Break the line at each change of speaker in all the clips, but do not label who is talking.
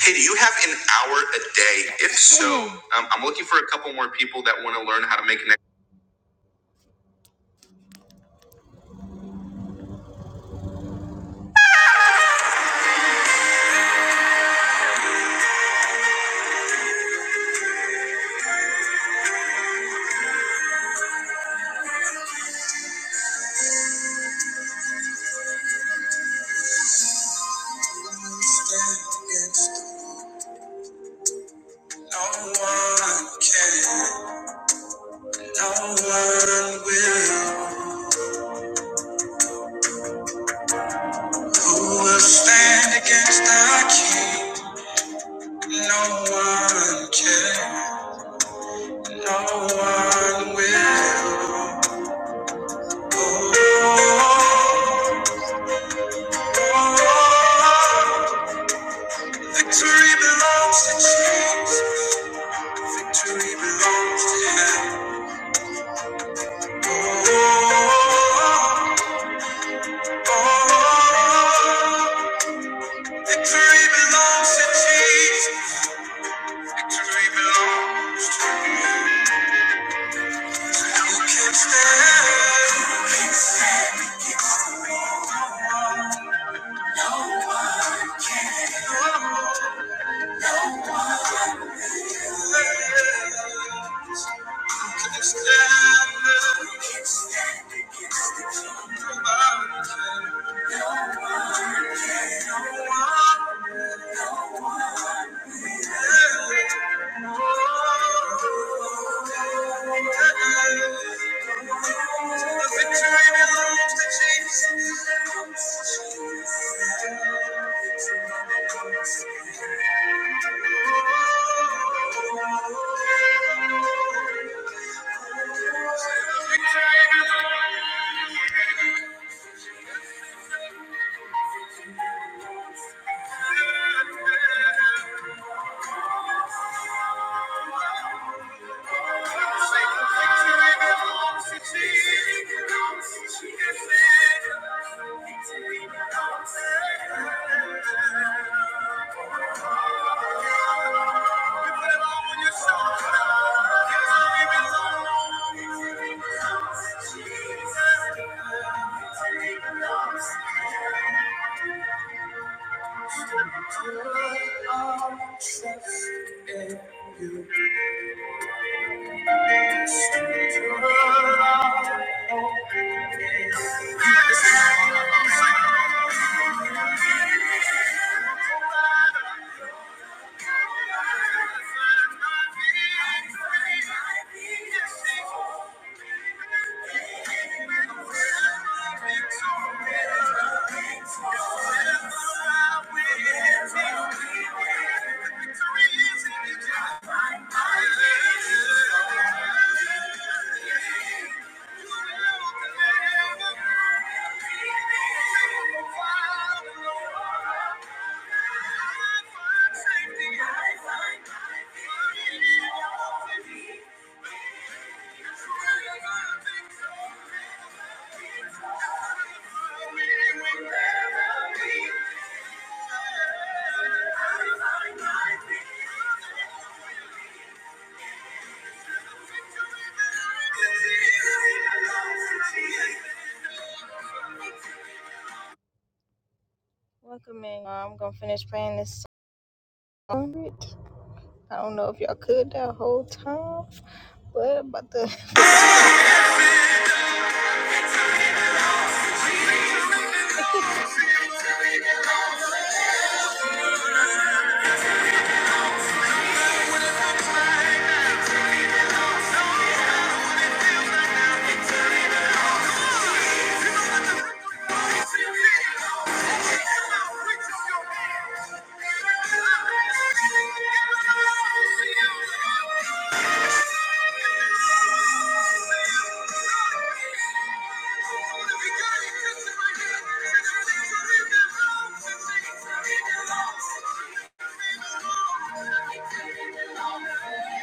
Hey, do you have an hour a day? If so, um, I'm looking for a couple more people that want to learn how to make an. No one can, no one will. Who will stand against our King? No one can, no one will. Oh, oh, oh, oh. Victory belongs to Jesus. Victory belongs to him. Oh, oh, oh, oh. Victory belongs to Jesus. Victory belongs. Who can stand? Who can stand against the Lord? No one can. No one can. Who can stand? Who can stand against the King? No one can. Oh, The victory belongs to Jesus. Thank you. Trust in you. Thank you. Welcome in. Uh, I'm gonna finish playing this it. I don't know if y'all could that whole time, but about the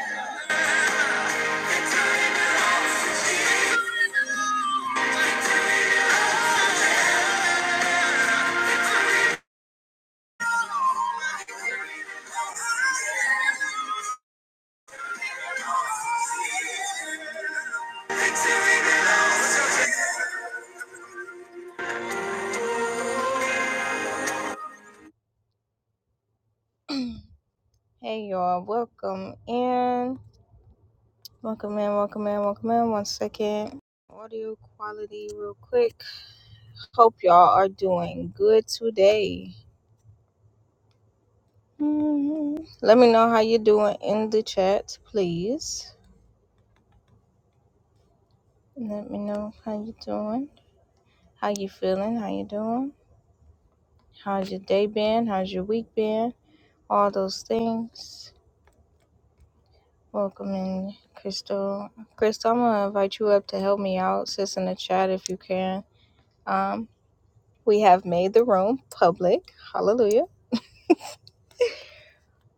Hey y'all, welcome in. Welcome in, welcome in, welcome in. One second. Audio quality, real quick. Hope y'all are doing good today. Mhm. Let me know how you're doing in the chat, please. Let me know how you're doing. How you feeling? How you doing? How's your day been? How's your week been? All those things. Welcome in, Crystal. Crystal, I'm gonna invite you up to help me out. Sis in the chat if you can. Um, we have made the room public. Hallelujah.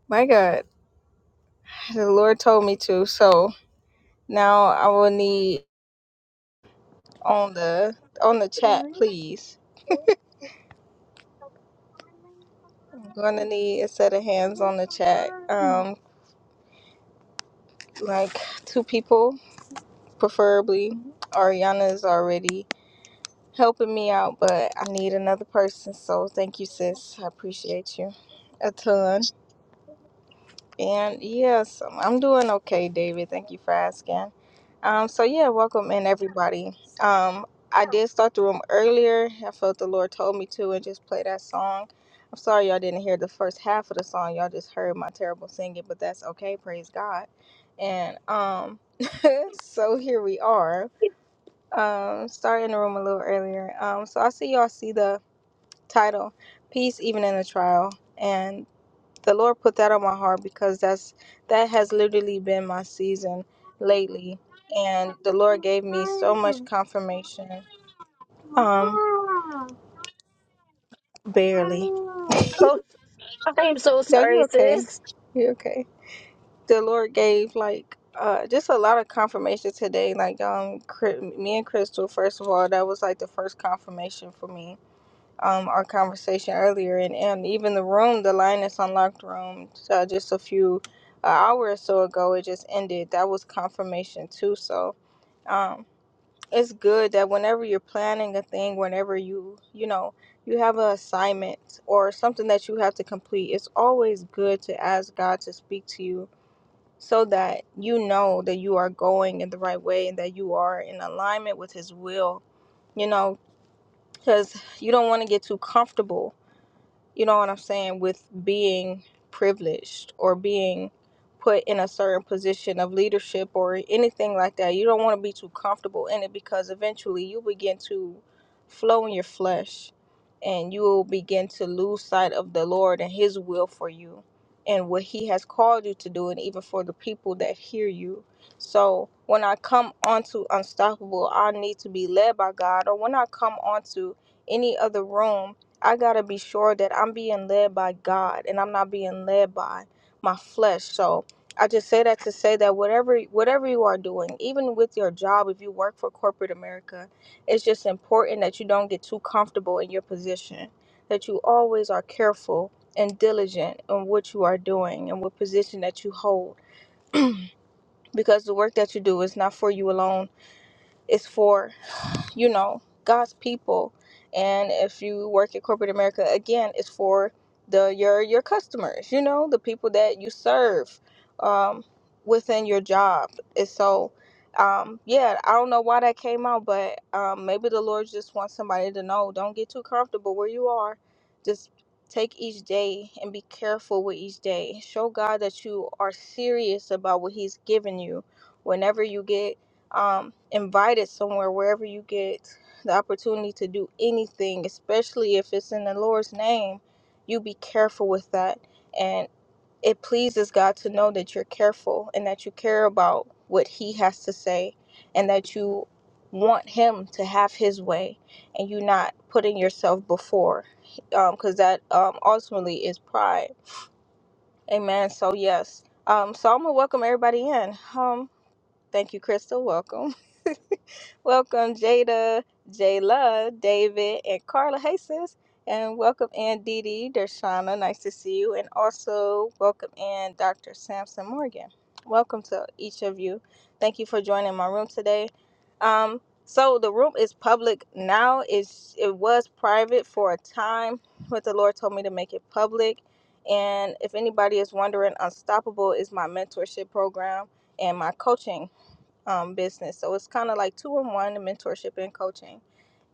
My God, the Lord told me to. So now I will need on the on the chat,
one,
please.
two, three,
I'm gonna need a set of hands
one,
on the chat. Um, like two people, preferably. Ariana is already helping me out, but I need another person. So thank you, sis. I appreciate you a ton. And yes, I'm doing okay, David. Thank you for asking. Um, so yeah, welcome in everybody. Um, I did start the room earlier. I felt the Lord told me to, and just play that song. I'm sorry y'all didn't hear the first half of the song. Y'all just heard my terrible singing, but that's okay. Praise God. And um, so here we are. Um, starting the room a little earlier. Um, so I see y'all see the title peace even in the trial and the lord put that on my heart because that's that has literally been my season lately and the lord gave me so much
one.
confirmation um barely
Oh, I'm so
no you
sorry,
okay
sis.
you okay the lord gave like uh just a lot of confirmation today like um Cr- me and crystal first of all that was like the first confirmation for me um, our conversation earlier, and, and even the room, the Linus Unlocked room, uh, just a few uh, hour or so ago, it just ended. That was confirmation too. So um, it's good that whenever you're planning a thing, whenever you you know you have an assignment or something that you have to complete, it's always good to ask God to speak to you so that you know that you are going in the right way and that you are in alignment with His will. You know, because you don't want to get too comfortable you know what I'm saying, with being privileged or being put in a certain position of leadership or anything like that. You don't want to be too comfortable in it because eventually you begin to flow in your flesh and you will begin to lose sight of the Lord and His will for you and what He has called you to do, and even for the people that hear you. So when I come onto Unstoppable, I need to be led by God, or when I come onto any other room I gotta be sure that I'm being led by God and I'm not being led by my flesh. So I just say that to say that whatever whatever you are doing, even with your job, if you work for corporate America, it's just important that you don't get too comfortable in your position. That you always are careful and diligent in what you are doing and what position that you hold. Because the work that you do is not for you alone. It's for you know, God's people. And if you work in corporate America, again, it's for the your your customers, you know, the people that you serve um, within your job. And so, um, yeah, I don't know why that came out, but um, maybe the Lord just wants somebody to know. Don't get too comfortable where you are. Just take each day and be careful with each day. Show God that you are serious about what He's given you. Whenever you get um, invited somewhere, wherever you get the opportunity to do anything, especially if it's in the Lord's name, you be careful with that. And it pleases God to know that you're careful and that you care about what He has to say and that you want Him to have His way and you're not putting yourself before, because that um, ultimately is pride. Amen. So, yes. Um, so I'm gonna welcome everybody in. Um, Thank you, Crystal. Welcome. welcome, Jada, Jayla, David, and Carla. Hey, sis. And welcome in Dee Dee, Dershana. Nice to see you. And also welcome in Dr. Samson Morgan. Welcome to each of you. Thank you for joining my room today. Um, so the room is public now. It's, it was private for a time, but the Lord told me to make it public. And if anybody is wondering, Unstoppable is my mentorship program and my coaching um, business. So it's kind of like two in one mentorship and coaching.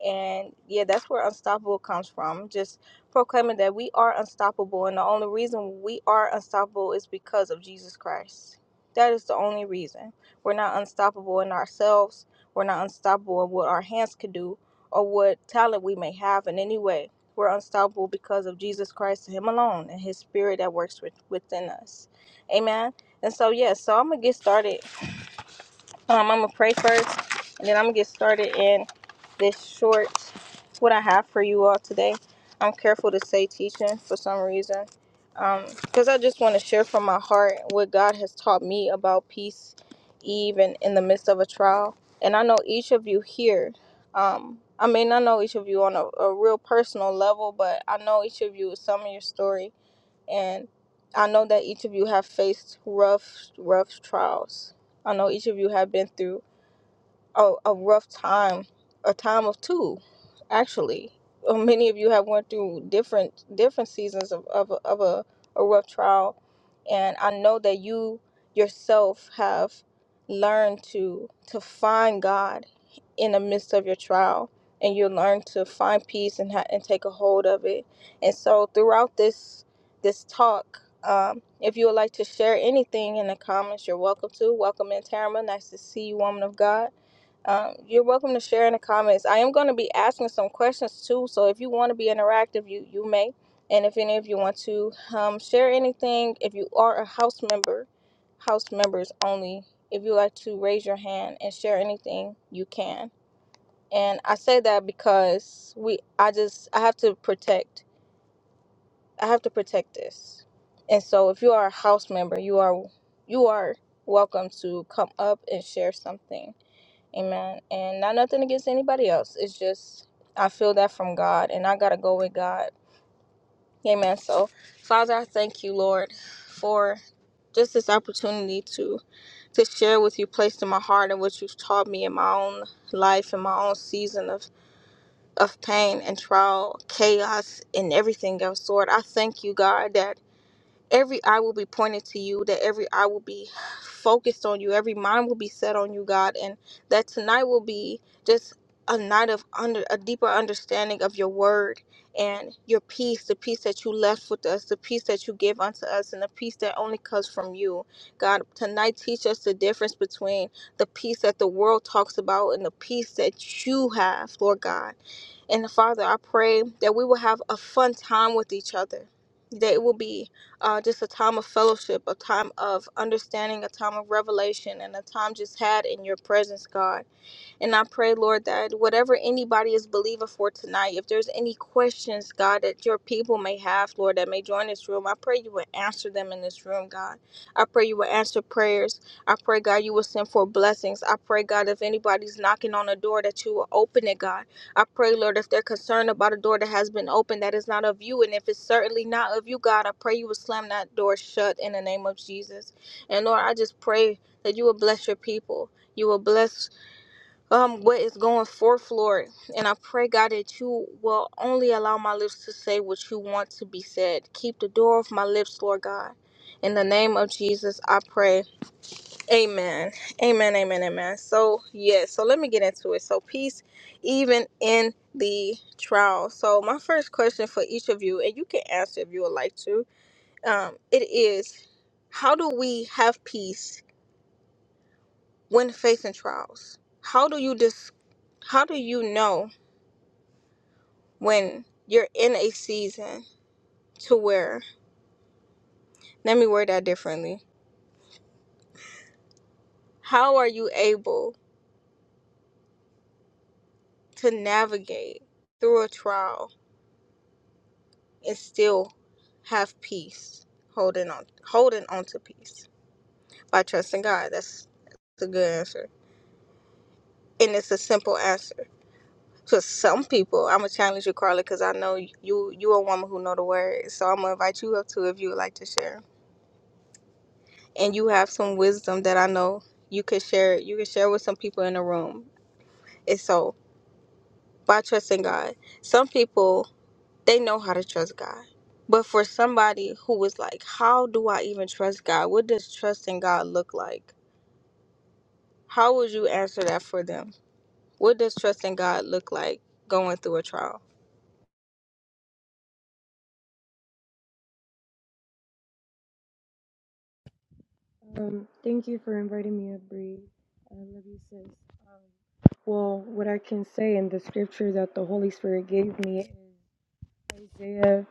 And yeah, that's where Unstoppable comes from. Just proclaiming that we are unstoppable. And the only reason we are unstoppable is because of Jesus Christ. That is the only reason. We're not unstoppable in ourselves, we're not unstoppable in what our hands could do or what talent we may have in any way. We're unstoppable because of Jesus Christ and Him alone and His Spirit that works with, within us. Amen. And so, yes, yeah, so I'm going to get started um, I'm gonna pray first, and then I'm gonna get started in this short. What I have for you all today, I'm careful to say teaching for some reason, because um, I just want to share from my heart what God has taught me about peace, even in the midst of a trial. And I know each of you here. Um, I may not know each of you on a, a real personal level, but I know each of you is some of your story and I know that each of you have faced rough, rough trials. I know each of you have been through a, a rough time, a time of two, actually. Uh, Many of you have went through different different seasons of, of, a- of a, a rough trial, and I know that you yourself have learned to to find God in the midst of your trial, and you learn to find peace and ha- and take a hold of it. And so throughout this this talk. Um, if you would like to share anything in the comments, you're welcome to. Welcome in, Tamara. Nice to see you, woman of God um, you're welcome to share in the comments. I am going to be asking some questions too, so if you want to be interactive, you you may. And if any of you want to um, share anything, if you are a house member, house members only, if you like to raise your hand and share anything, you can. And I say that because we, I just, I have to protect, I have to protect this. And so, if you are a house member, you are, you are welcome to come up and share something Amen. And not nothing against anybody else. It's just I feel that from God and I gotta go with God. Amen. So Father, I thank you, Lord, for just this opportunity to to share with you placed in my heart and what you've taught me in my own life in my own season of of pain and trial, chaos and everything else. Lord, I thank you, God, that every eye will be pointed to you, that every eye will be focused on you, every mind will be set on you, God, and that tonight will be just a night of under a deeper understanding of your word and your peace, the peace that you left with us, the peace that you give unto us, and the peace that only comes from you. God, tonight teach us the difference between the peace that the world talks about and the peace that you have, Lord God. And Father, I pray that we will have a fun time with each other. That it will be uh, just a time of fellowship, a time of understanding, a time of revelation, and a time just had in your presence, God. And I pray, Lord, that whatever anybody is believing for tonight, if there's any questions, God, that your people may have, Lord, that may join this room, I pray you would answer them in this room, God. I pray you would answer prayers. I pray, God, you will send for blessings. I pray, God, if anybody's knocking on a door, that you will open it, God. I pray, Lord, if they're concerned about a door that has been opened that is not of you, and if it's certainly not of you, God, I pray you will slam that door shut in the name of Jesus. And Lord, I just pray that you will bless your people. You will bless um what is going forth lord and i pray god that you will only allow my lips to say what you want to be said keep the door of my lips lord god in the name of jesus i pray amen amen amen amen so yes so let me get into it so peace even in the trial so my first question for each of you and you can answer if you would like to um it is how do we have peace when facing trials how do you dis- how do you know when you're in a season to where, let me word that differently. How are you able to navigate through a trial and still have peace, holding on, holding on to peace by trusting God? That's, that's a good answer, and it's a simple answer. For some people, I'm gonna challenge you, Carla, because I know you you a woman who know the word. So I'm gonna invite you up too if you would like to share, and you have some wisdom that I know you could share. You could share with some people in the room. And so by trusting God. Some people, they know how to trust God. But for somebody who was like, how do I even trust God? What does trusting God look like? How would you answer that for them? What does trusting God look like going through a trial?
Um, thank you for inviting me up, Bree. I love you, sis. Um, well, what I can say in the scripture that the Holy Spirit gave me is Isaiah.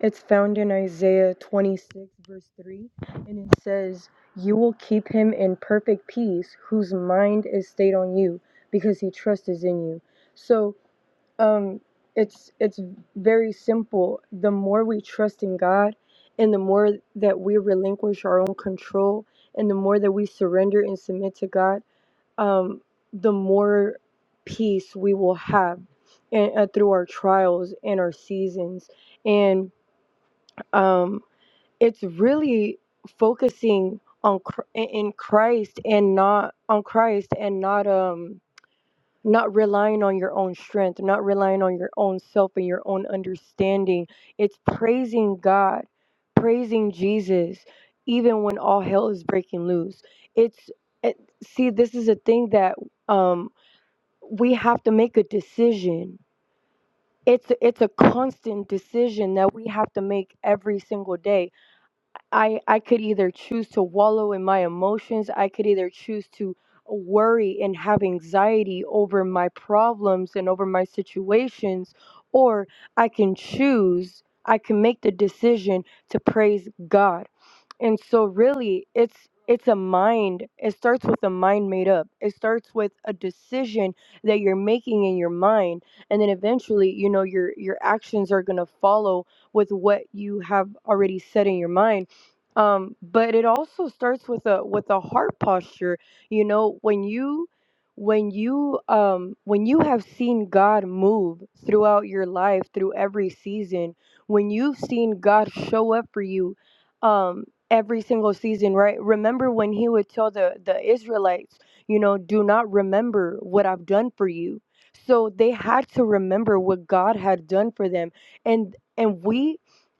It's found in Isaiah 26, verse 3, and it says, You will keep him in perfect peace whose mind is stayed on you because he trusts in you. So, um it's it's very simple the more we trust in god and the more that we relinquish our own control and the more that we surrender and submit to god um the more peace we will have and, uh, through our trials and our seasons and um it's really focusing on Chr- in christ and not on christ and not um not relying on your own strength, not relying on your own self and your own understanding. It's praising God, praising Jesus, even when all hell is breaking loose. It's it, see, this is a thing that um, we have to make a decision. It's it's a constant decision that we have to make every single day I I could either choose to wallow in my emotions, I could either choose to worry and have anxiety over my problems and over my situations, or I can choose, I can make the decision to praise God. And so really it's it's a mind. It starts with a mind made up. It starts with a decision that you're making in your mind. And then eventually, you know, your your actions are gonna follow with what you have already said in your mind um but it also starts with a with a heart posture you know when you when you um when you have seen god move throughout your life through every season when you've seen god show up for you um every single season right remember when he would tell the the israelites you know do not remember what i've done for you so they had to remember what god had done for them and and we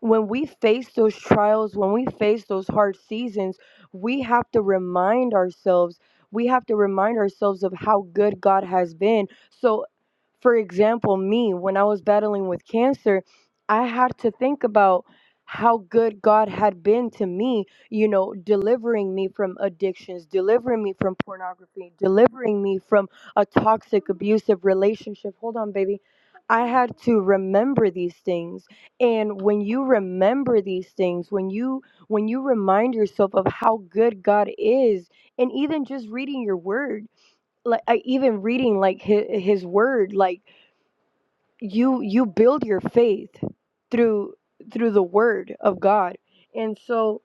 when we face those trials, when we face those hard seasons, we have to remind ourselves, we have to remind ourselves of how good God has been. So, for example, me, when I was battling with cancer, I had to think about how good God had been to me, you know, delivering me from addictions, delivering me from pornography, delivering me from a toxic, abusive relationship. Hold on, baby. I had to remember these things and when you remember these things when you when you remind yourself of how good god is and even just reading your word like I, even reading like his, his word like you you build your faith through through the word of god and so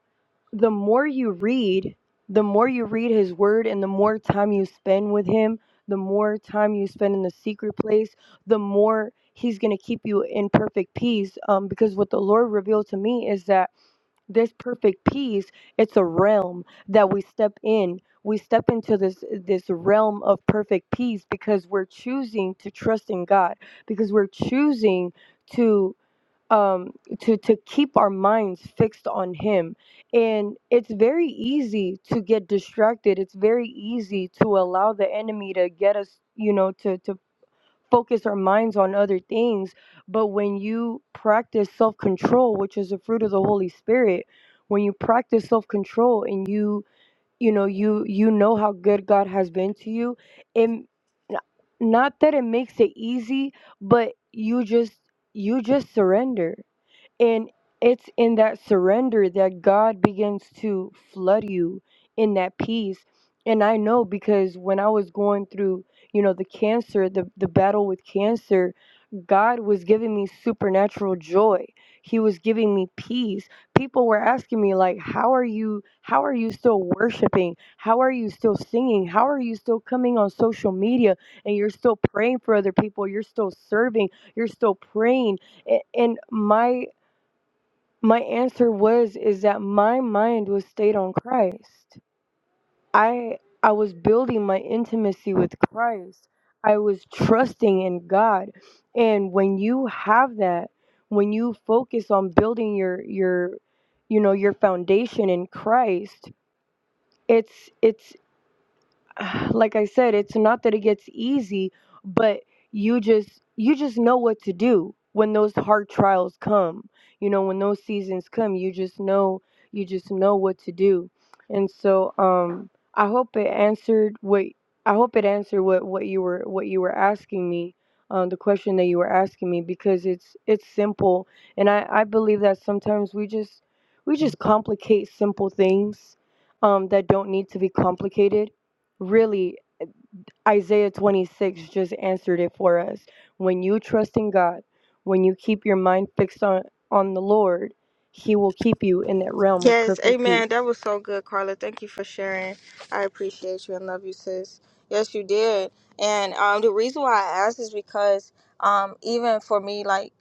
the more you read, the more you read his word and the more time you spend with him, the more time you spend in the secret place, the more he's going to keep you in perfect peace um, because what the Lord revealed to me is that this perfect peace, it's a realm that we step in. We step into this this realm of perfect peace because we're choosing to trust in God, because we're choosing to um to to keep our minds fixed on him and it's very easy to get distracted it's very easy to allow the enemy to get us you know to to focus our minds on other things but when you practice self-control which is a fruit of the holy spirit when you practice self-control and you you know you you know how good god has been to you and not that it makes it easy but you just you just surrender and it's in that surrender that God begins to flood you in that peace. And I know because when I was going through, you know, the cancer, the, the battle with cancer, God was giving me supernatural joy. He was giving me peace. People were asking me like, "How are you? How are you still worshiping? How are you still singing? How are you still coming on social media and you're still praying for other people? You're still serving. You're still praying." A- And my my answer was is that my mind was stayed on Christ. I I was building my intimacy with Christ. I was trusting in God. And when you have that, when you focus on building your your you know your foundation in Christ, it's it's like I said, it's not that it gets easy, but you just you just know what to do when those hard trials come. You know, when those seasons come, you just know you just know what to do. And so um I hope it answered what I hope it answered what what you were what you were asking me. Um, the question that you were asking me because it's it's simple and I, I believe that sometimes we just we just complicate simple things um, that don't need to be complicated really Isaiah 26 just answered it for us. When you trust in God, when you keep your mind fixed on on the Lord, he will keep you in that realm of
Yes,
perfect
amen. That
peace.
was so good, Carla. Thank you for sharing. I appreciate you and love you, sis. Yes, you did. And um, the reason why I asked is because um, even for me, like,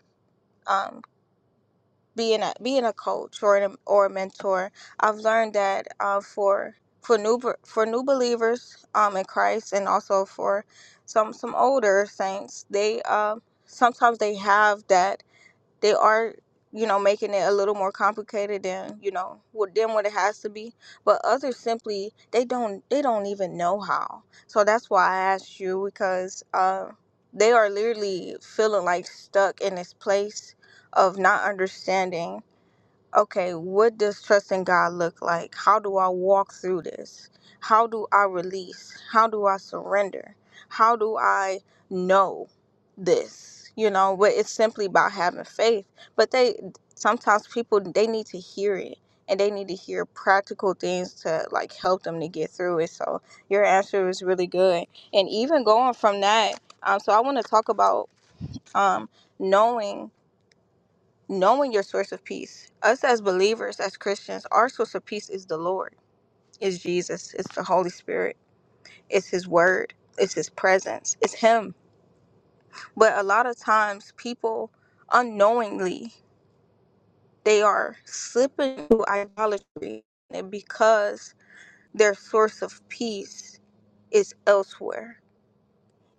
being a being a coach or an, or a mentor, I've learned that uh, for for new be- for new believers um, in Christ, and also for some some older saints, they uh, sometimes they have that they are you know making it a little more complicated than you know with them what it has to be but others simply they don't they don't even know how so that's why i asked you because uh they are literally feeling like stuck in this place of not understanding okay, what does trusting God look like? How do I walk through this? How do I release? How do I surrender? How do I know this? You know, but it's simply about having faith. But they sometimes people they need to hear it and they need to hear practical things to like help them to get through it. So your answer was really good. And even going from that, um, so I want to talk about um knowing knowing your source of peace. Us as believers, as Christians, our source of peace is the Lord, is Jesus, it's the Holy Spirit, it's His Word, it's His presence, it's Him. But a lot of times, people unknowingly they are slipping into idolatry because their source of peace is elsewhere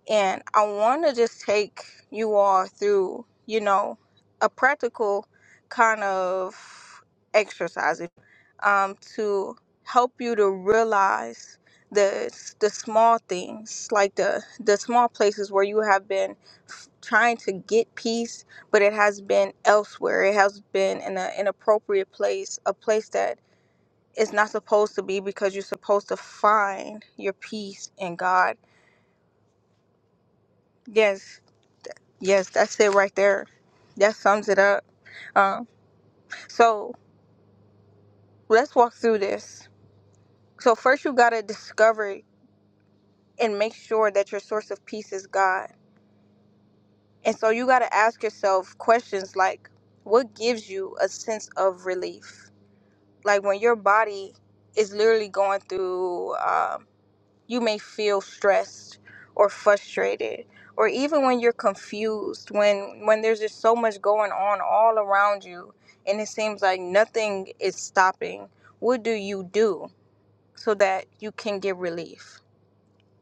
And I want to just take you all through, you know, a practical kind of exercise um, to help you to realize the the small things, like the the small places where you have been f- trying to get peace, but it has been elsewhere. It has been in an inappropriate place, a place that is not supposed to be, because you're supposed to find your peace in God. Yes, Yes, that's it right there. That sums it up. Um, so let's walk through this. So first, you gotta discover and make sure that your source of peace is God. And so you gotta ask yourself questions like, what gives you a sense of relief? Like when your body is literally going through. um, You may feel stressed or frustrated or even when you're confused when when there's just so much going on all around you and it seems like nothing is stopping. What do you do so that you can get relief?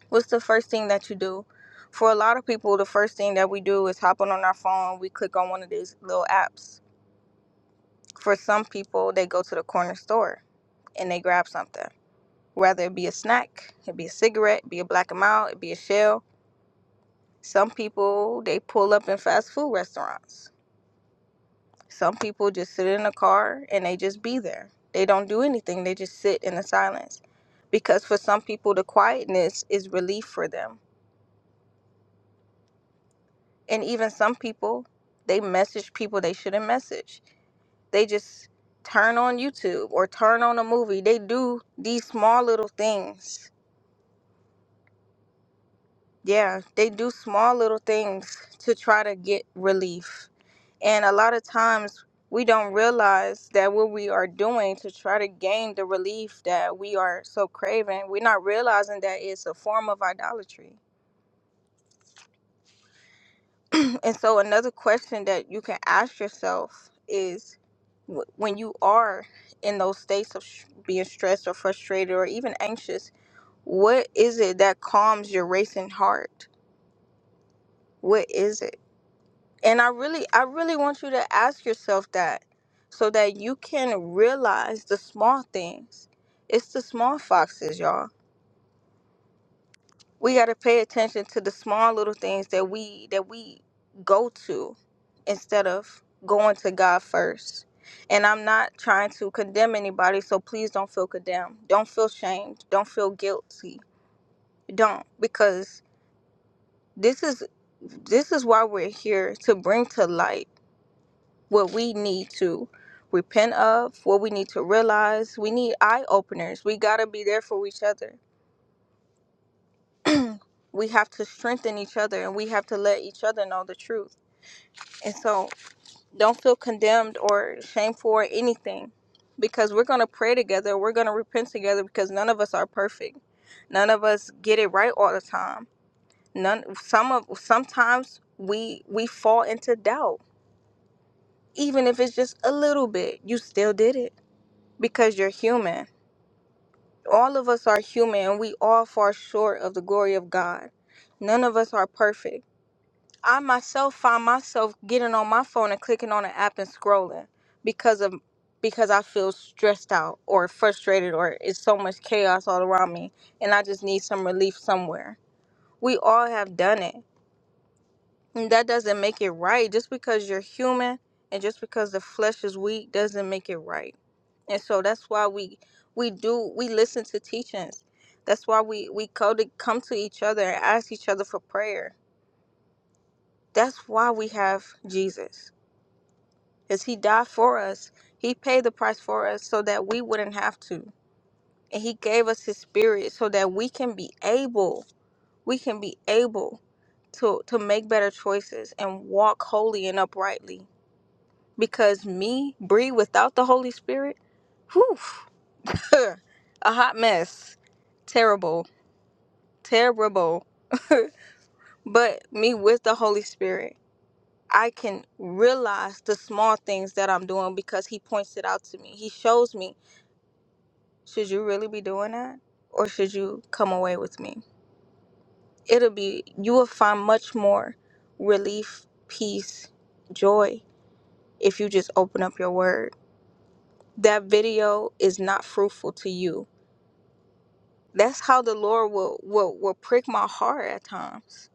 What's the first thing that you do? For a lot of people, the first thing that we do is hop on our phone, we click on one of these little apps. For some people, they go to the corner store and they grab something whether it be a snack, it be a cigarette, it be a black and mild, it be a shell. Some people they pull up in fast food restaurants. Some people just sit in a car and they just be there. They don't do anything. They just sit in the silence. Because for some people the quietness is relief for them. And even some people they message people they shouldn't message. They just turn on YouTube or turn on a movie. They do these small little things. Yeah, they do small little things to try to get relief And a lot of times we don't realize that what we are doing to try to gain the relief that we are so craving, we're not realizing that it's a form of idolatry. and so, another question that you can ask yourself is wh- when you are in those states of sh- being stressed or frustrated or even anxious, what is it that calms your racing heart? What is it? And I really I really want you to ask yourself that so that you can realize the small things. It's the small foxes, y'all. We got to pay attention to the small little things that we that we go to instead of going to God first. And I'm not trying to condemn anybody, so please don't feel condemned. Don't feel shamed. Don't feel guilty. Don't because this is this is why we're here to bring to light what we need to repent of, what we need to realize. We need eye openers. We got to be there for each other. we have to strengthen each other and we have to let each other know the truth. And so don't feel condemned or shameful or anything because we're going to pray together. We're going to repent together because none of us are perfect. None of us get it right all the time. None some of sometimes we we fall into doubt. Even if it's just a little bit, you still did it because you're human. All of us are human and we all fall short of the glory of God. None of us are perfect. I myself find myself getting on my phone and clicking on an app and scrolling because of because I feel stressed out or frustrated or it's so much chaos all around me and I just need some relief somewhere. We all have done it. And that doesn't make it right. Just because you're human and just because the flesh is weak doesn't make it right. and so that's why we we do we listen to teachings that's why we we go to come to each other and ask each other for prayer that's why we have jesus because he died for us he paid the price for us so that we wouldn't have to and he gave us his spirit so that we can be able we can be able to to make better choices and walk holy and uprightly because me bree without the holy spirit whew a hot mess terrible terrible. but me with the Holy Spirit, I can realize the small things that I'm doing because He points it out to me. He shows me, should you really be doing that? Or should you come away with me? It'll be, you will find much more relief, peace, joy if you just open up your word. That video is not fruitful to you. That's how the Lord will, will, will prick my heart at times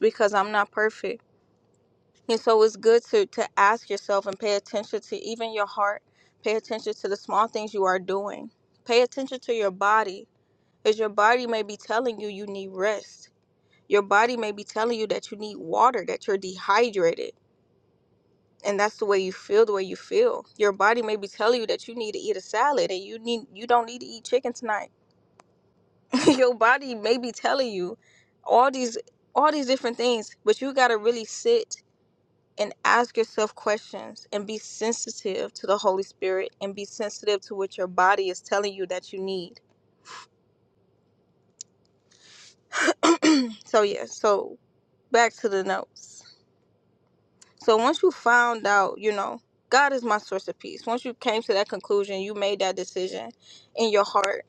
because I'm not perfect And so it's good to, to ask yourself and pay attention to even your heart. Pay attention to the small things you are doing. Pay attention to your body, as your body may be telling you you need rest. Your body may be telling you that you need water, that you're dehydrated. And that's the way you feel, the way you feel. Your body may be telling you that you need to eat a salad and you need you don't need to eat chicken tonight. your body may be telling you all these all these different things, but you gotta really sit and ask yourself questions and be sensitive to the Holy Spirit and be sensitive to what your body is telling you that you need. So, yeah, so back to the notes. So, once you found out, you know, God is my source of peace. Once you came to that conclusion, you made that decision in your heart.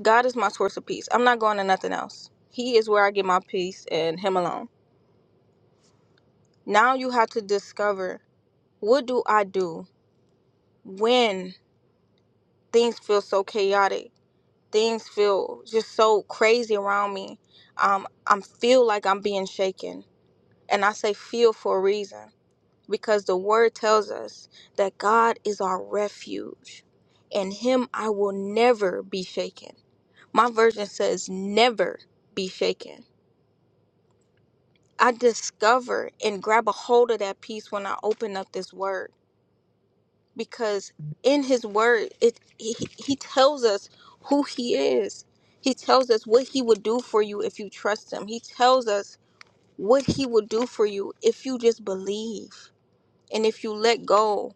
God is my source of peace. I'm not going to nothing else. He is where I get my peace and Him alone. Now you have to discover what do I do when things feel so chaotic? things feel just so crazy around me. Um, I feel like I'm being shaken. And I say feel for a reason because the word tells us that God is our refuge. In him I will never be shaken. My version says never be shaken. I discover and grab a hold of that peace when I open up this word. because in his word it he, he he tells us who he is he tells us what he would do for you if you trust him he tells us what he will do for you if you just believe and if you let go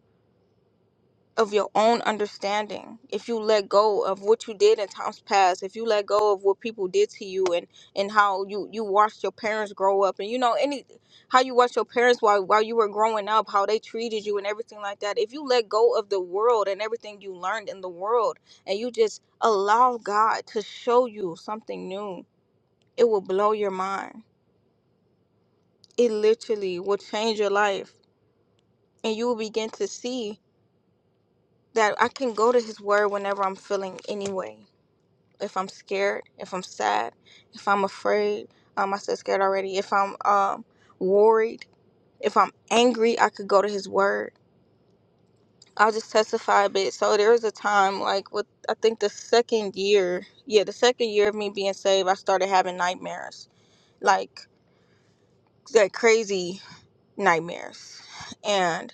of your own understanding if you let go of what you did in times past if you let go of what people did to you and and how you you watched your parents grow up and you know any how you watched your parents while while you were growing up how they treated you and everything like that if you let go of the world and everything you learned in the world and you just allow god to show you something new it will blow your mind it literally will change your life and you will begin to see that I can go to his word whenever I'm feeling anyway. if I'm scared, if I'm sad, if I'm afraid. Um, I said scared already. If I'm um worried, if I'm angry, I could go to His Word. I'll just testify a bit. So there was a time, like with I think the second year, yeah, the second year of me being saved, I started having nightmares, like like crazy nightmares, and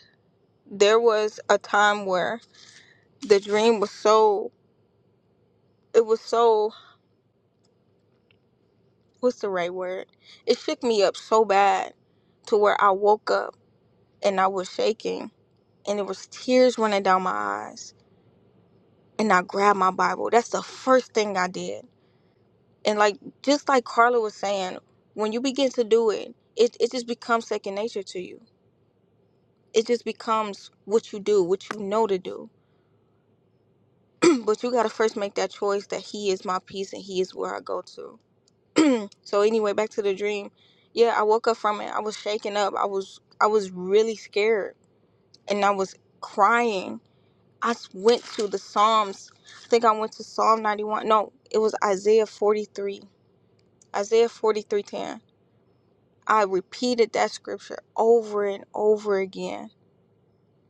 there was a time where the dream was so it was so what's the right word? It shook me up so bad to where I woke up and I was shaking, and there was tears running down my eyes. And I grabbed my Bible. That's the first thing I did. And like just like Carla was saying, when you begin to do it, it, it just becomes second nature to you. It just becomes what you do, what you know to do. but you gotta first make that choice that He is my peace and He is where I go to. so anyway, back to the dream. Yeah, I woke up from it. I was shaking up. I was I was really scared, and I was crying I went to the Psalms. I think I went to Psalm 91. No, it was Isaiah 43. Isaiah 43:10. I repeated that scripture over and over again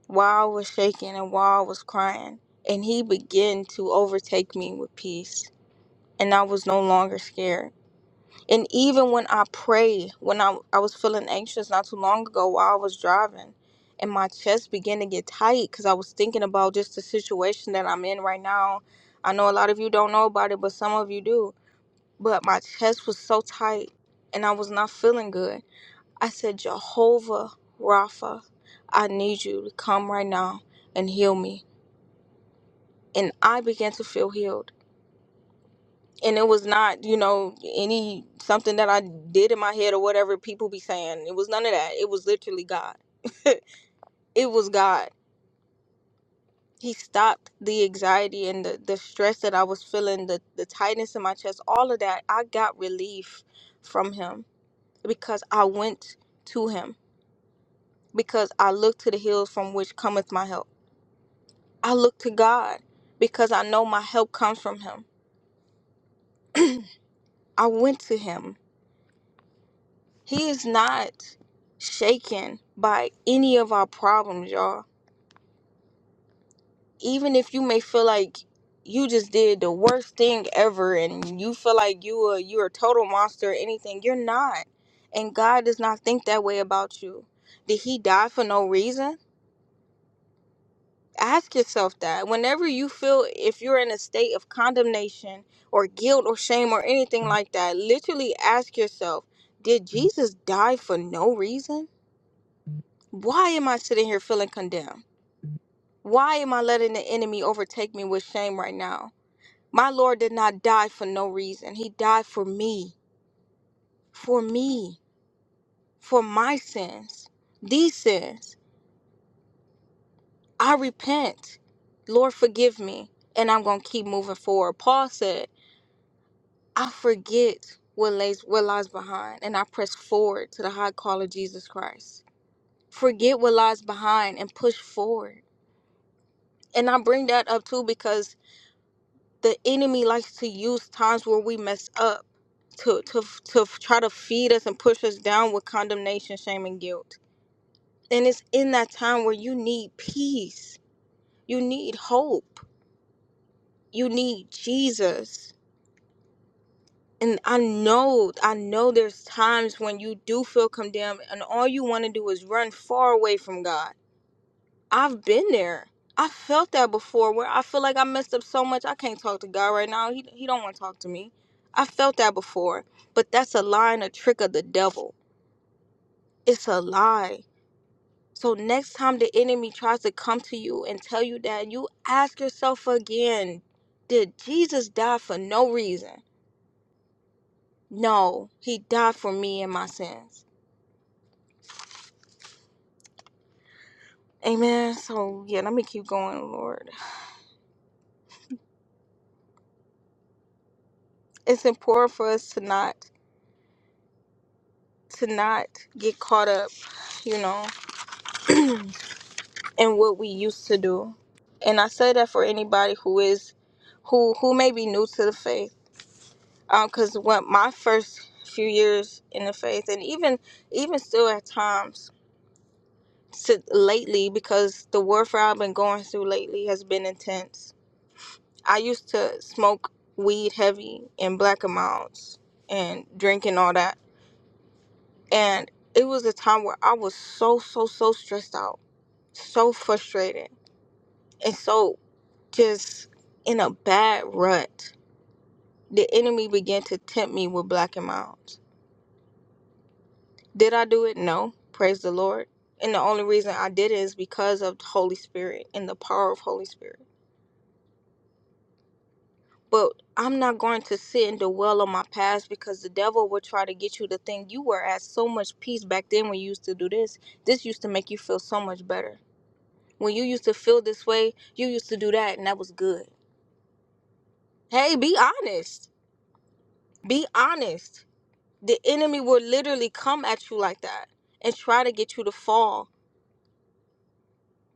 while I was shaking and while I was crying, and he began to overtake me with peace, and I was no longer scared. And even when I pray, when I, I was feeling anxious not too long ago while I was driving, and my chest began to get tight because I was thinking about just the situation that I'm in right now. I know a lot of you don't know about it, but some of you do. But my chest was so tight and I was not feeling good. I said, Jehovah Rapha, I need you to come right now and heal me. And I began to feel healed. and it was not you know any something that i did in my head or whatever people be saying it was none of that it was literally god it was god he stopped the anxiety and the, the stress that i was feeling the, the tightness in my chest all of that i got relief from him because i went to him because i looked to the hills from which cometh my help i looked to god because i know my help comes from him i went to him He is not shaken by any of our problems, y'all. Even if you may feel like you just did the worst thing ever and you feel like you are you're a total monster or anything, you're not. And God does not think that way about you. Did he die for no reason? Ask yourself that. Whenever you feel if you're in a state of condemnation or guilt or shame or anything like that, literally ask yourself, did Jesus die for no reason? Why am I sitting here feeling condemned? Why am I letting the enemy overtake me with shame right now? My Lord did not die for no reason. He died for me, for me, for my sins, these sins. I repent. Lord, forgive me. And I'm going to keep moving forward. Paul said, I forget what lays, what lies behind, and I press forward to the high call of Jesus Christ. Forget what lies behind and push forward. And I bring that up too because the enemy likes to use times where we mess up to to to try to feed us and push us down with condemnation, shame, and guilt. And it's in that time where you need peace, you need hope, you need Jesus. And I know, I know there's times when you do feel condemned and all you want to do is run far away from God I've been there. I felt that before where I feel like I messed up so much I can't talk to God right now. He he don't want to talk to me. I felt that before. But that's a lie and a trick of the devil. It's a lie. So next time the enemy tries to come to you and tell you that, you ask yourself again, did Jesus die for no reason? No, he died for me and my sins. Amen. So yeah, let me keep going, Lord. It's important for us to not to not get caught up, you know, in what we used to do. And I say that for anybody who is who who may be new to the faith. Um, cause what my first few years in the faith and even even still at times to lately because the warfare I've been going through lately has been intense. I used to smoke weed heavy in black amounts and drink and all that. And it was a time where I was so so so stressed out so frustrated and so just in a bad rut. The enemy began to tempt me with black and milds. Did I do it? No. Praise the Lord. And the only reason I did it is because of the Holy Spirit and the power of Holy Spirit. But I'm not going to sit and dwell on my past because the devil will try to get you to think you were at so much peace back then when you used to do this. This used to make you feel so much better. When you used to feel this way, you used to do that and that was good. Hey, be honest Be honest. The enemy will literally come at you like that and try to get you to fall.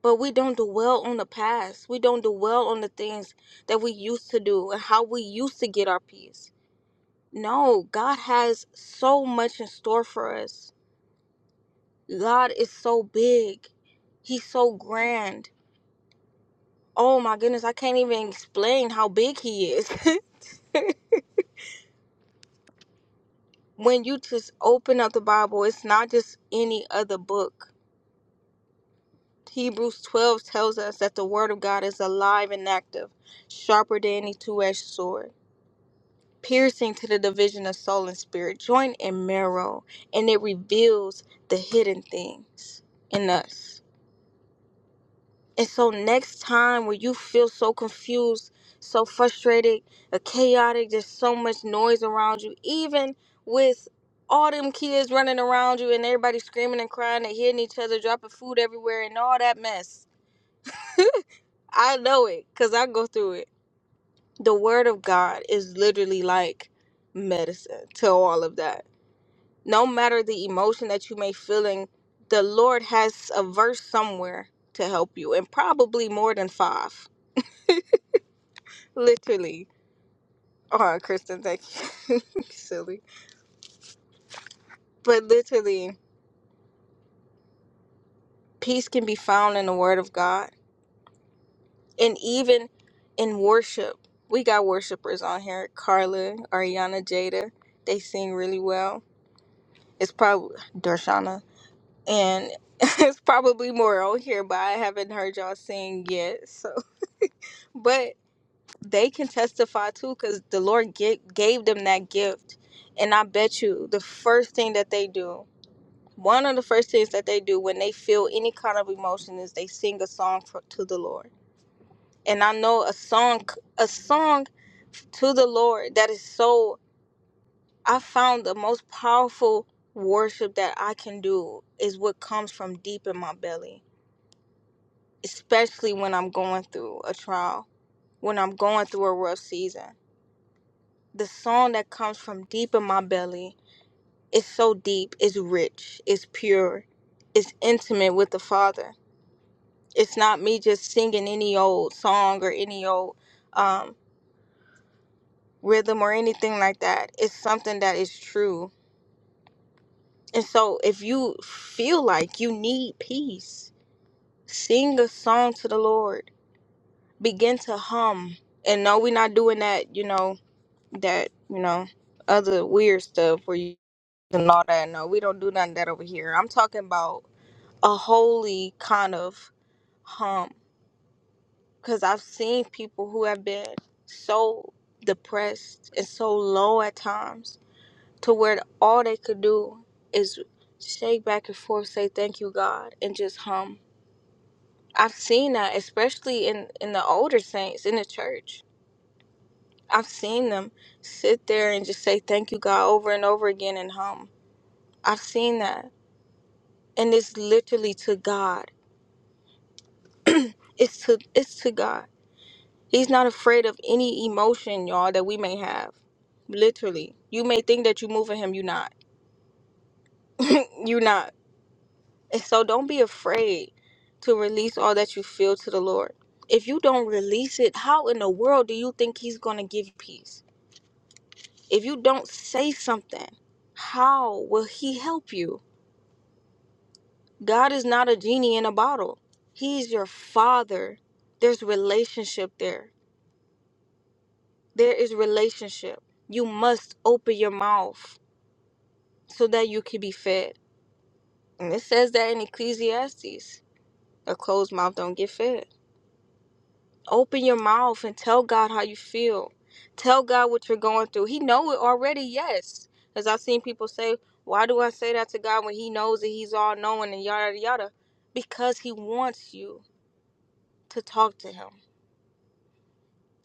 But we don't dwell on the past. We don't dwell on the things that we used to do and how we used to get our peace. No, God has so much in store for us. God is so big. He's so grand. Oh my goodness, I can't even explain how big he is. when you just open up the Bible, it's not just any other book Hebrews 12 tells us that the Word of God is alive and active, sharper than any two edged sword, piercing to the division of soul and spirit, joint and marrow, and it reveals the hidden things in us. And so, next time when you feel so confused, so frustrated, uh, chaotic, there's so much noise around you, even with all them kids running around you and everybody screaming and crying and hitting each other, dropping food everywhere, and all that mess. I know it because I go through it. The word of God is literally like medicine to all of that. No matter the emotion that you may feeling, the Lord has a verse somewhere to help you, and probably more than five. Literally. Oh, Kristen, thank you. Silly. But literally, peace can be found in the word of God. And even in worship, we got worshipers on here. Carla, Ariana, Jada. They sing really well It's probably Darshana, and it's probably more on here, but I haven't heard y'all sing yet. So, but they can testify too, because the Lord get, gave them that gift, and I bet you the first thing that they do, one of the first things that they do when they feel any kind of emotion is they sing a song for, to the Lord. And I know a song, a song to the Lord that is so I found the most powerful worship that I can do is what comes from deep in my belly, especially when I'm going through a trial, when I'm going through a rough season. The song that comes from deep in my belly is so deep, it's rich, it's pure, it's intimate with the Father. It's not me just singing any old song or any old um, rhythm or anything like that. It's something that is true. And so if you feel like you need peace, Sing a song to the Lord. Begin to hum. And no, we're not doing that, you know, that, you know, other weird stuff where you and all that. No, we don't do none of that over here. I'm talking about a holy kind of hum. Because I've seen people who have been so depressed and so low at times to where all they could do is shake back and forth, say, Thank you, God, and just hum I've seen that, especially in in the older saints in the church. I've seen them sit there and just say thank you, God, over and over again and hum. I've seen that, and it's literally to God. It's to it's to God. He's not afraid of any emotion, y'all, that we may have. Literally, you may think that you moving Him, you not, you not. And so, don't be afraid to release all that you feel to the Lord. If you don't release it, how in the world do you think He's gonna give you peace? If you don't say something, how will He help you? God is not a genie in a bottle, He's your Father. There's relationship there. There is relationship. You must open your mouth so that you can be fed. And it says that in Ecclesiastes a closed mouth don't get fed. open your mouth and tell God how you feel. Tell God what you're going through. He know it already, yes. Because I've seen people say, why do I say that to God when he knows that he's all knowing and yada, yada? Because he wants you to talk to him.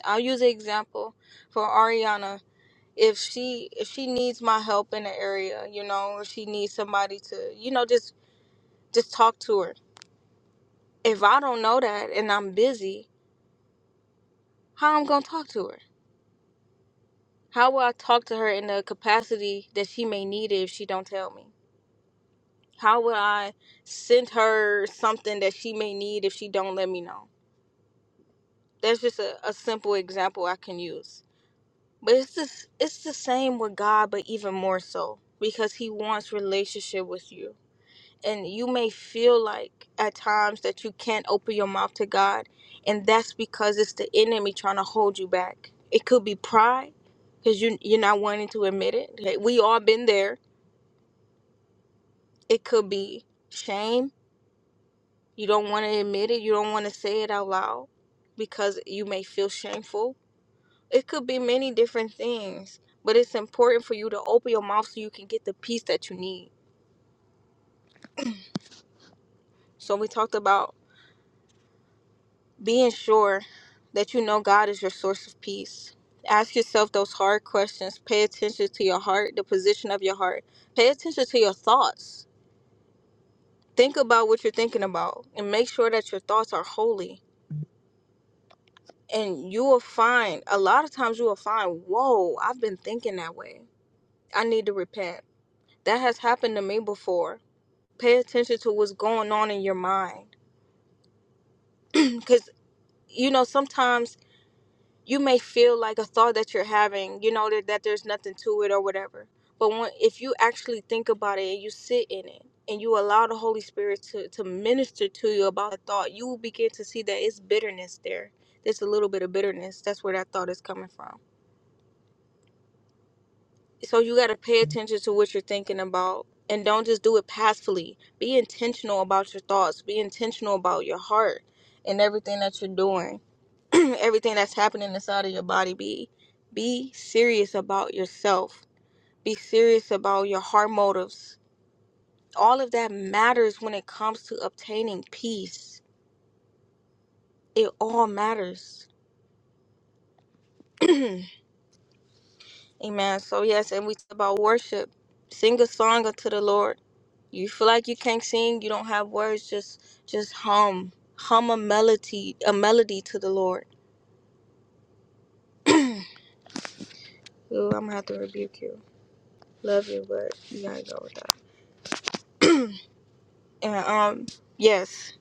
I'll use an example for Ariana. If she if she needs my help in an area, you know, if she needs somebody to, you know, just just talk to her. If I don't know that and I'm busy, how I'm gonna talk to her? How will I talk to her in the capacity that she may need it if she don't tell me? How will I send her something that she may need if she don't let me know? That's just a, a simple example I can use. But it's this it's the same with God, but even more so. Because he wants relationship with you. And you may feel like at times that you can't open your mouth to God, and that's because it's the enemy trying to hold you back. It could be pride, because you you're not wanting to admit it. Like, We all been there It could be shame. You don't want to admit it. You don't want to say it out loud because you may feel shameful. It could be many different things, but it's important for you to open your mouth so you can get the peace that you need. So, we talked about being sure that you know God is your source of peace. Ask yourself those hard questions. Pay attention to your heart, the position of your heart. Pay attention to your thoughts. Think about what you're thinking about and make sure that your thoughts are holy and you will find a lot of times you will find whoa i've been thinking that way i need to repent that has happened to me before pay attention to what's going on in your mind because you know sometimes you may feel like a thought that you're having you know that, that there's nothing to it or whatever but when, if you actually think about it and you sit in it and you allow the holy spirit to, to minister to you about the thought you will begin to see that it's bitterness there there's a little bit of bitterness that's where that thought is coming from so you got to pay attention to what you're thinking about and don't just do it passively be intentional about your thoughts be intentional about your heart and everything that you're doing everything that's happening inside of your body be be serious about yourself be serious about your heart motives all of that matters when it comes to obtaining peace it all matters Amen. So yes, and we talk about worship. Sing a song unto the Lord. You feel like you can't sing, you don't have words, just just hum. Hum a melody a melody to the Lord. Ooh, I'm gonna have to rebuke you. Love you, but you gotta go with that. and um yes.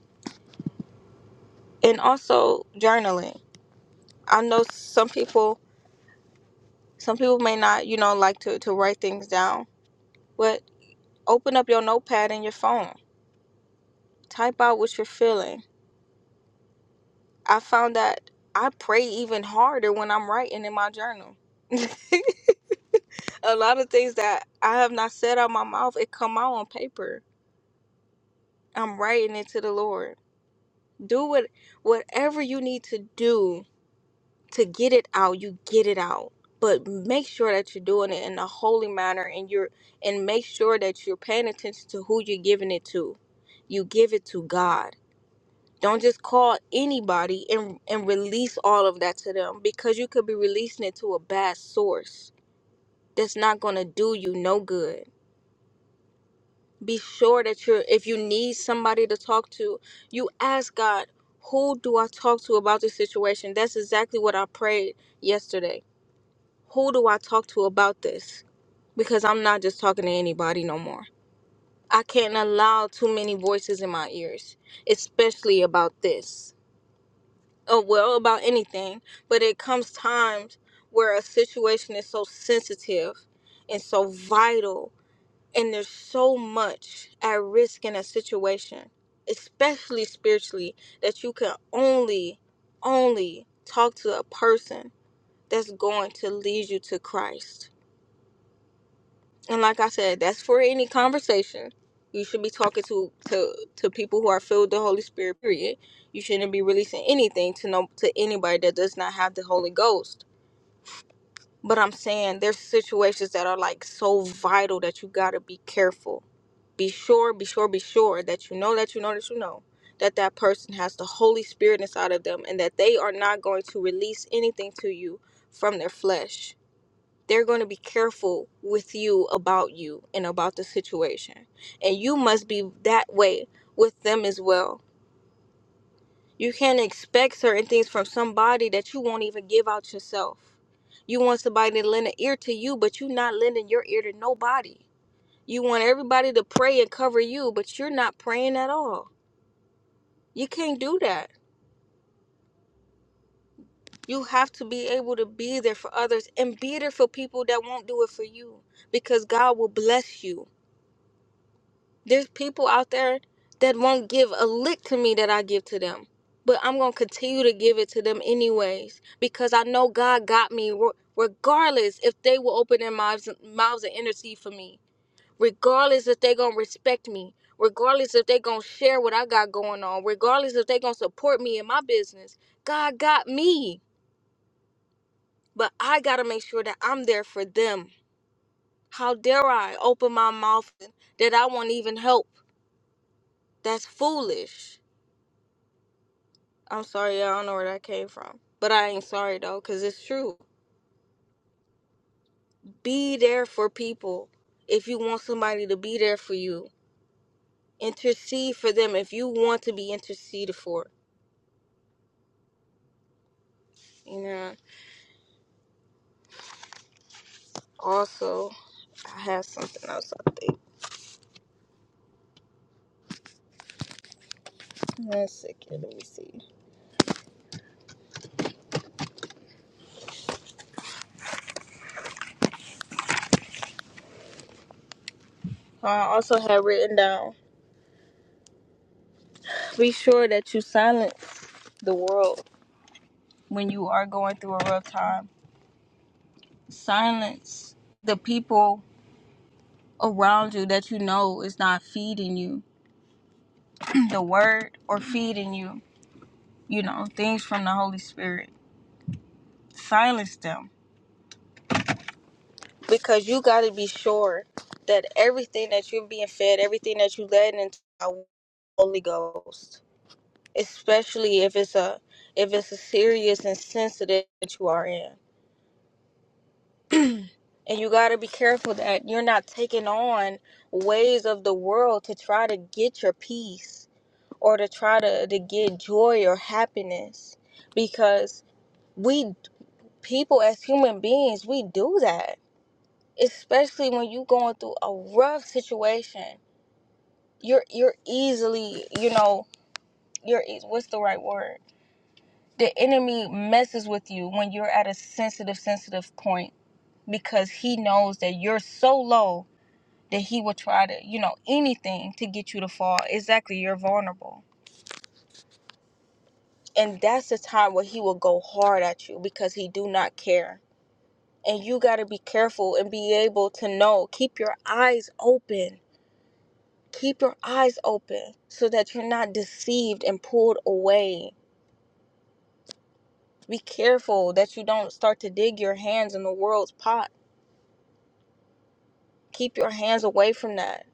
And also journaling. I know some people some people may not, you know, like to, to write things down, but open up your notepad and your phone. Type out what you're feeling I found that I pray even harder when I'm writing in my journal. a lot of things that I have not said out my mouth, it come out on paper. I'm writing it to the Lord. Do what whatever you need to do to get it out, you get it out. But make sure that you're doing it in a holy manner and you're and make sure that you're paying attention to who you're giving it to. You give it to God Don't just call anybody and and release all of that to them because you could be releasing it to a bad source. That's not going to do you no good. Be sure that you're if you need somebody to talk to, you ask God, "Who do I talk to about this situation?" That's exactly what I prayed yesterday. Who do I talk to about this? Because I'm not just talking to anybody no more. I can't allow too many voices in my ears, especially about this. uh, well about anything, but it comes times where a situation is so sensitive and so vital, and there's so much at risk in a situation, especially spiritually, that you can only, only talk to a person that's going to lead you to Christ and like I said, that's for any conversation. You should be talking to to to people who are filled with the Holy Spirit. Period. You shouldn't be releasing anything to no to anybody that does not have the Holy Ghost. But I'm saying there's situations that are like so vital that you gotta be careful. Be sure, be sure, be sure that you know that you know that you know that that person has the Holy Spirit inside of them and that they are not going to release anything to you from their flesh they're going to be careful with you about you and about the situation. And you must be that way with them as well. You can't expect certain things from somebody that you won't even give out yourself. You want somebody to lend an ear to you, but you're not lending your ear to nobody. You want everybody to pray and cover you, but you're not praying at all. You can't do that. You have to be able to be there for others and be there for people that won't do it for you because God will bless you There's people out there that won't give a lick to me that I give to them. But I'm going to continue to give it to them anyways because I know God got me regardless if they will open their mouths, mouths and intercede for me. Regardless if they going to respect me. Regardless if they going to share what I got going on. Regardless if they going to support me in my business. God got me. But I got to make sure that I'm there for them. How dare I open my mouth that I won't even help? That's foolish. I'm sorry, y'all, I don't know where that came from. But I ain't sorry though, because it's true. Be there for people if you want somebody to be there for you. Intercede for them if you want to be interceded for. You know. Also, I have something else I think. One second, let me see. I also have written down. Be sure that you silence the world when you are going through a rough time. Silence the people around you that you know is not feeding you the word or feeding you, you know, things from the Holy Spirit. Silence them. Because you got to be sure that everything that you're being fed, everything that you let into the Holy Ghost, especially if it's a if it's a serious and sensitive that you are in. and you got to be careful that you're not taking on ways of the world to try to get your peace or to try to, to get joy or happiness because we people as human beings we do that especially when you going through a rough situation you're you're easily you know you're e- what's the right word the enemy messes with you when you're at a sensitive sensitive point because he knows that you're so low that he will try to you know anything to get you to fall exactly you're vulnerable and that's the time where he will go hard at you because he do not care and you got to be careful and be able to know keep your eyes open keep your eyes open so that you're not deceived and pulled away be careful that you don't start to dig your hands in the world's pot keep your hands away from that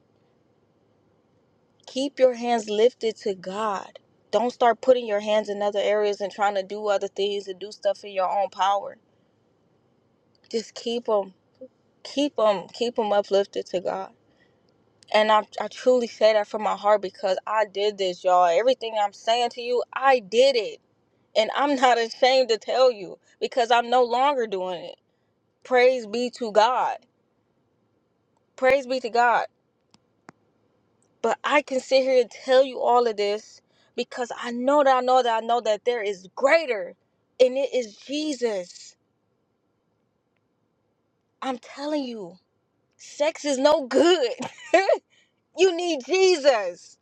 keep your hands lifted to god don't start putting your hands in other areas and trying to do other things and do stuff in your own power just keep them keep them keep them uplifted to god And I, I truly say that from my heart because I did this, y'all. Everything I'm saying to you, I did it. And I'm not ashamed to tell you because I'm no longer doing it. Praise be to God. Praise be to God. But I can sit here and tell you all of this because I know that I know that I know that there is greater, and it is Jesus. I'm telling you, sex is no good. you need Jesus.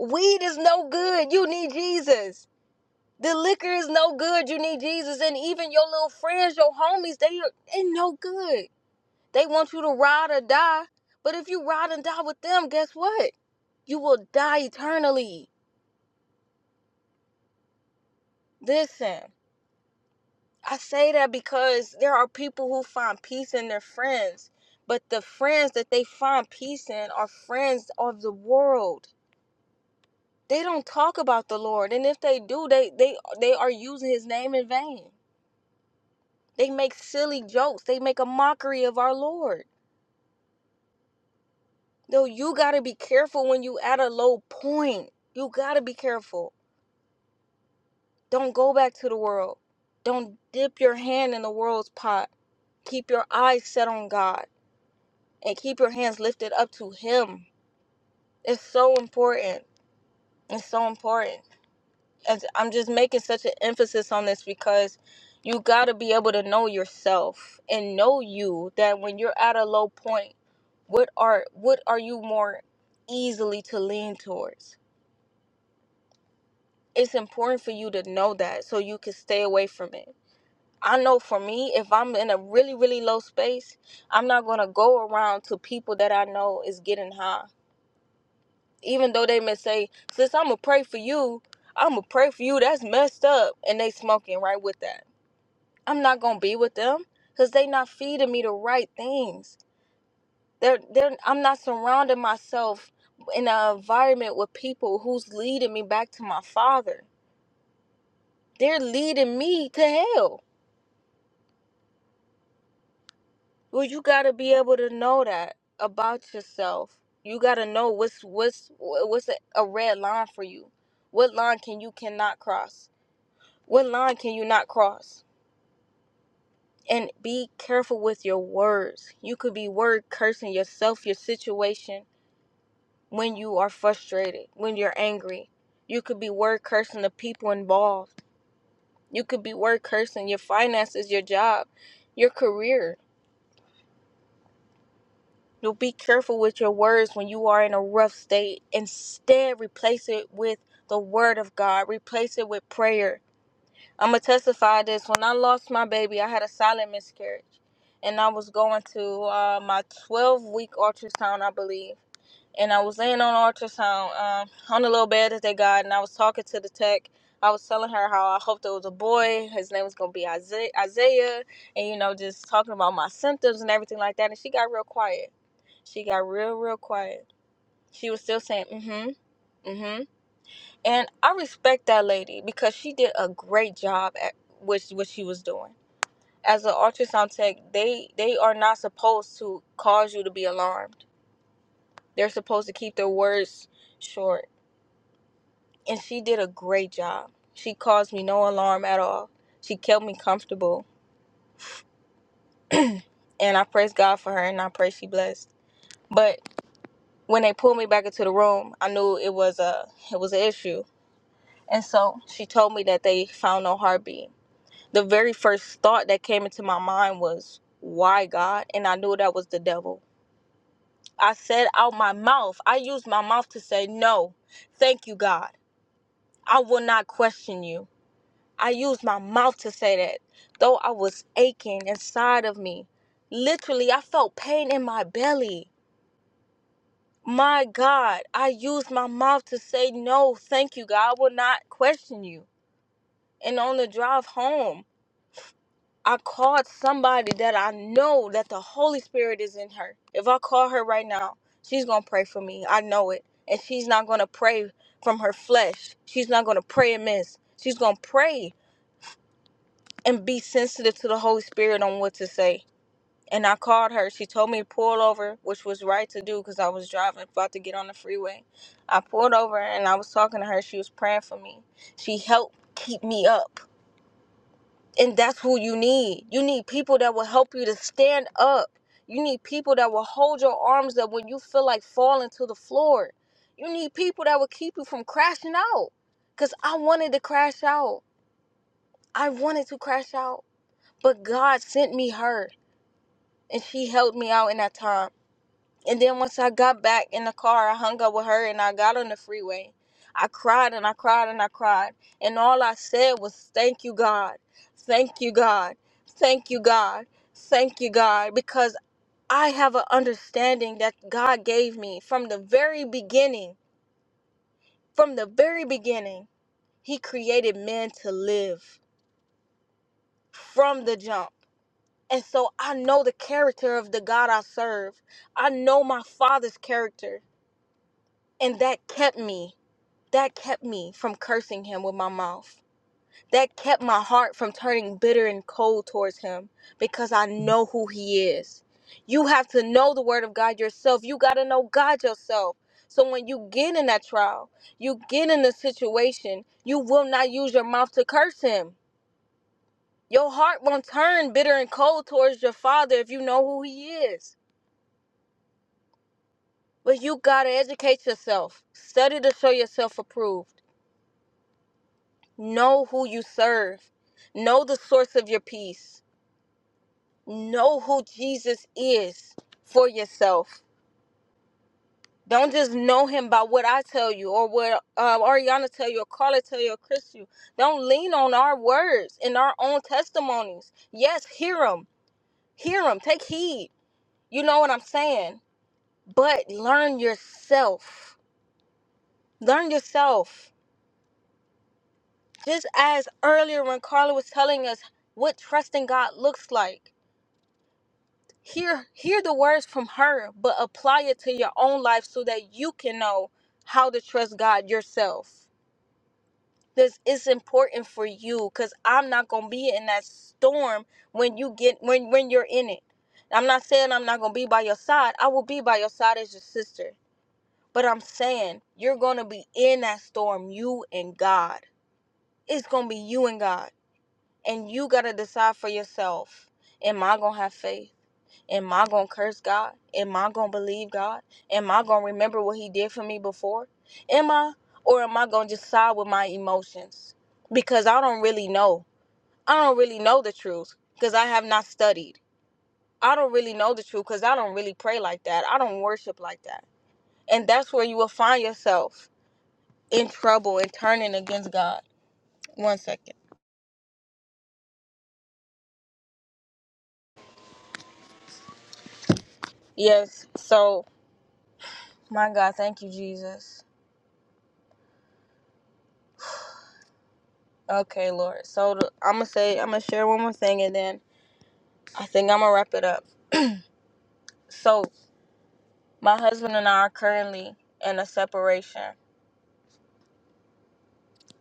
Weed is no good. You need Jesus The liquor is no good. You need Jesus. And even your little friends, your homies, they ain't no good. They want you to ride or die. But if you ride and die with them, guess what? You will die eternally. Listen, I say that because there are people who find peace in their friends. But the friends that they find peace in are friends of the world. They don't talk about the Lord. And if they do, they they they are using his name in vain. They make silly jokes. They make a mockery of our Lord. Though you got to be careful when you at a low point. You got to be careful. Don't go back to the world. Don't dip your hand in the world's pot. Keep your eyes set on God and keep your hands lifted up to him. It's so important. It's so important. as I'm just making such an emphasis on this because you got to be able to know yourself and know you that when you're at a low point, what are what are you more easily to lean towards? It's important for you to know that so you can stay away from it. I know for me, if I'm in a really really low space, I'm not going to go around to people that I know is getting high. Even though they may say, "Sis, I'm gonna pray for you." I'm gonna pray for you. That's messed up, and they smoking right with that I'm not gonna be with them because they not feeding me the right things. They're they're I'm not surrounding myself in an environment with people who's leading me back to my father. They're leading me to hell. Well, you gotta be able to know that about yourself. You gotta know what's what's what's a, a red line for you. What line can you cannot cross? What line can you not cross? And be careful with your words. You could be word cursing yourself, your situation, when you are frustrated, when you're angry. You could be word cursing the people involved. You could be word cursing your finances, your job, your career. You'll be careful with your words when you are in a rough state. Instead, replace it with the word of God. Replace it with prayer. I'm gonna testify this. When I lost my baby, I had a silent miscarriage, and I was going to uh, my 12 week ultrasound, I believe. And I was laying on ultrasound um, on the little bed that they got, and I was talking to the tech. I was telling her how I hoped it was a boy. His name was gonna be Isaiah, Isaiah, and you know, just talking about my symptoms and everything like that. And she got real quiet. She got real, real quiet. She was still saying, mm-hmm, mm-hmm. And I respect that lady because she did a great job at which what she was doing. As an ultrasound tech, they they are not supposed to cause you to be alarmed. They're supposed to keep their words short. And she did a great job. She caused me no alarm at all. She kept me comfortable. and I praise God for her and I pray she blessed. But when they pulled me back into the room, I knew it was a it was an issue. And so she told me that they found no heartbeat The very first thought that came into my mind was, why God? And I knew that was the devil. I said out my mouth, I used my mouth to say, no, thank you, God. I will not question you. I used my mouth to say that, though I was aching inside of me. Literally, I felt pain in my belly. My God, I used my mouth to say, no, thank you, God. I will not question you. And on the drive home, I called somebody that I know that the Holy Spirit is in her. If I call her right now, she's going to pray for me. I know it. And she's not going to pray from her flesh. She's not going to pray amiss. She's going to pray and be sensitive to the Holy Spirit on what to say. And I called her. She told me to pull over, which was right to do because I was driving, about to get on the freeway. I pulled over and I was talking to her. She was praying for me. She helped keep me up. And that's who you need. You need people that will help you to stand up. You need people that will hold your arms up when you feel like falling to the floor. You need people that will keep you from crashing out. Because I wanted to crash out. I wanted to crash out. But God sent me her, and she helped me out in that time. And then once I got back in the car, I hung up with her and I got on the freeway. I cried and I cried and I cried. And all I said was, Thank you, God. Thank you, God. Thank you, God. Thank you, God. Because I have an understanding that God gave me from the very beginning. From the very beginning, He created man to live from the jump. And so I know the character of the God I serve. I know my Father's character. And that kept me. That kept me from cursing him with my mouth. That kept my heart from turning bitter and cold towards him because I know who he is. You have to know the word of God yourself. You got to know God yourself. So when you get in that trial, you get in the situation, you will not use your mouth to curse him. Your heart won't turn bitter and cold towards your father if you know who he is. But you got to educate yourself, study to show yourself approved. Know who you serve. Know the source of your peace. Know who Jesus is for yourself. Don't just know him by what I tell you or what uh, Ariana tell you or Carla tell you or Chris you. Don't lean on our words and our own testimonies. Yes, hear them. Hear them. Take heed. You know what I'm saying? But learn yourself. Learn yourself. Just as earlier when Carla was telling us what trusting God looks like hear hear the words from her but apply it to your own life so that you can know how to trust god yourself this is important for you because i'm not gonna be in that storm when you get when when you're in it i'm not saying i'm not gonna be by your side i will be by your side as your sister but i'm saying you're gonna be in that storm you and god it's gonna be you and god and you gotta decide for yourself am i gonna have faith Am I going to curse God? Am I going to believe God? Am I going to remember what He did for me before? Am I? Or am I going to just side with my emotions? Because I don't really know. I don't really know the truth because I have not studied. I don't really know the truth because I don't really pray like that. I don't worship like that. And that's where you will find yourself in trouble and turning against God. One second. Yes. So, my God, thank you, Jesus. Okay, Lord. So, I'm going to say, I'm going to share one more thing and then I think I'm gonna wrap it up. so my husband and I are currently in a separation,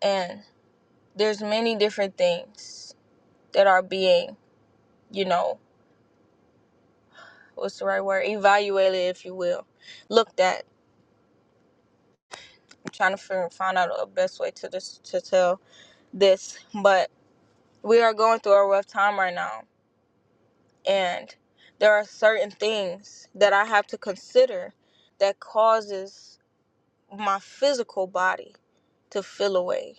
and there's many different things that are being, you know, what's the right word, evaluated, if you will, looked at. I'm trying to figure, find out a best way to this to tell this, but we are going through a rough time right now, and there are certain things that I have to consider that causes my physical body to feel away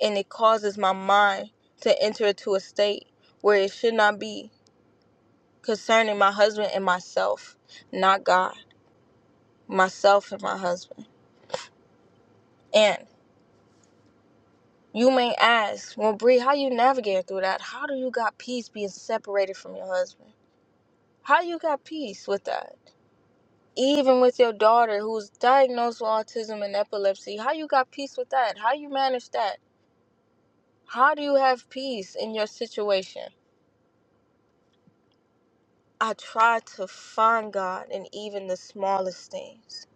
and it causes my mind to enter into a state where it should not be concerning my husband and myself, not God, myself and my husband. And you may ask, well, Bree, how you navigating through that? How do you got peace being separated from your husband? How you got peace with that? Even with your daughter who's diagnosed with autism and epilepsy, how you got peace with that? How you manage that? How do you have peace in your situation? I try to find God in even the smallest things.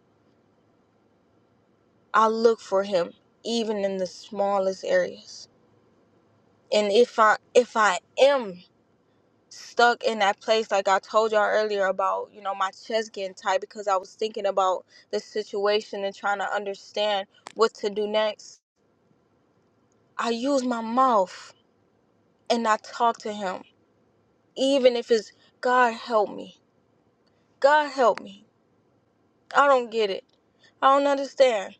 I look for him even in the smallest areas. And if I if I am stuck in that place like I told y'all earlier about, you know, my chest getting tight because I was thinking about the situation and trying to understand what to do next, I use my mouth and I talk to him even if it's God help me. God help me. I don't get it. I don't understand.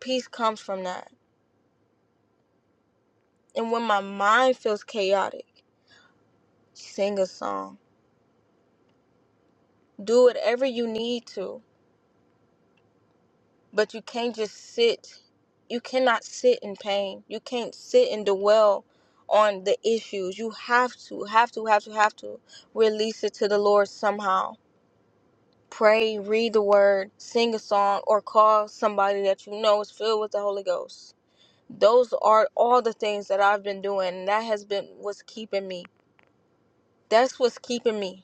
Peace comes from that. And when my mind feels chaotic, sing a song. Do whatever you need to, but you can't just sit. You cannot sit in pain. You can't sit and dwell on the issues. You have to, have to, have to, have to release it to the Lord somehow. Pray, read the word, sing a song, or call somebody that you know is filled with the Holy Ghost. Those are all the things that I've been doing. and That has been what's keeping me. That's what's keeping me.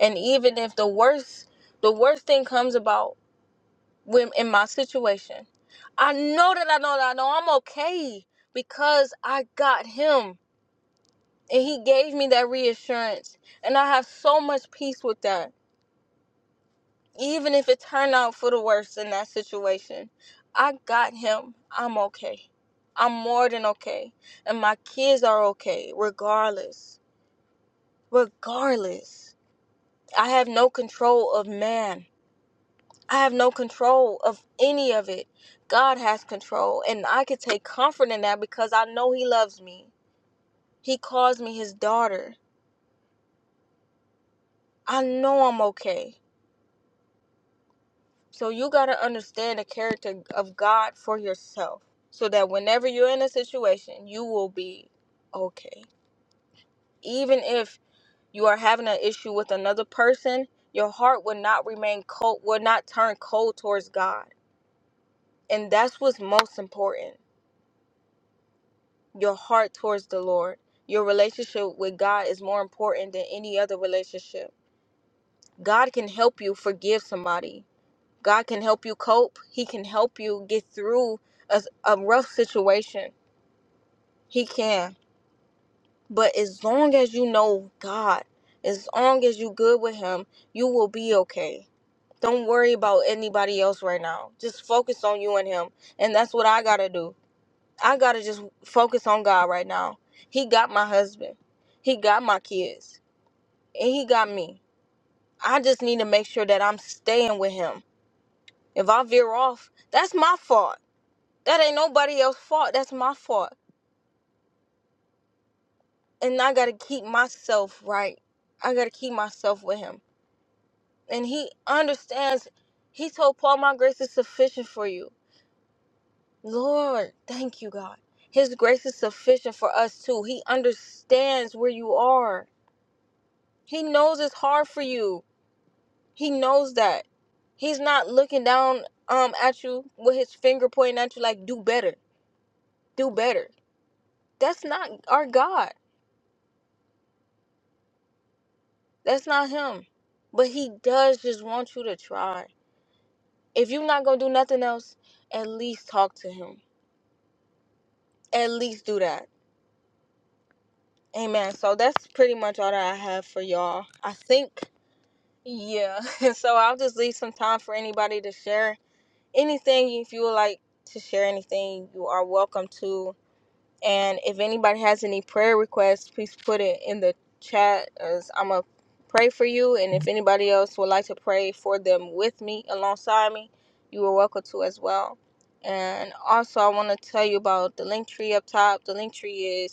And even if the worst the worst thing comes about when in my situation, I know that I know that I know I'm okay because I got him and he gave me that reassurance. And I have so much peace with that. Even if it turned out for the worst in that situation, I got him. I'm okay. I'm more than okay. And my kids are okay, regardless. Regardless. I have no control of man I have no control of any of it. God has control, and I can take comfort in that because I know He loves me. He calls me His daughter. I know I'm okay. So you got to understand the character of God for yourself so that whenever you're in a situation, you will be okay. Even if you are having an issue with another person, your heart will not remain cold, will not turn cold towards God. And that's what's most important your heart towards the Lord. Your relationship with God is more important than any other relationship. God can help you forgive somebody. God can help you cope. He can help you get through a, a rough situation. He can. But as long as you know God, as long as you good with him, you will be okay. Don't worry about anybody else right now. Just focus on you and him. And that's what I got to do. I gotta just focus on God right now. He got my husband, he got my kids, and he got me. I just need to make sure that I'm staying with him. If I veer off, that's my fault. That ain't nobody else's fault. That's my fault. And I gotta keep myself right. I gotta keep myself with him. And he understands. He told Paul, My grace is sufficient for you. Lord, thank you, God. His grace is sufficient for us too. He understands where you are He knows it's hard for you. He knows that. He's not looking down um at you with his finger pointing at you like do better, do better. That's not our God. That's not him. But he does just want you to try. If you're not gonna do nothing else, at least talk to him. At least do that. Amen. So that's pretty much all that I have for y'all. I think. Yeah. so I'll just leave some time for anybody to share anything if you would like to share anything you are welcome to and if anybody has any prayer requests please put it in the chat as i'm gonna pray for you and if anybody else would like to pray for them with me alongside me you are welcome to as well and also i want to tell you about the link tree up top the link tree is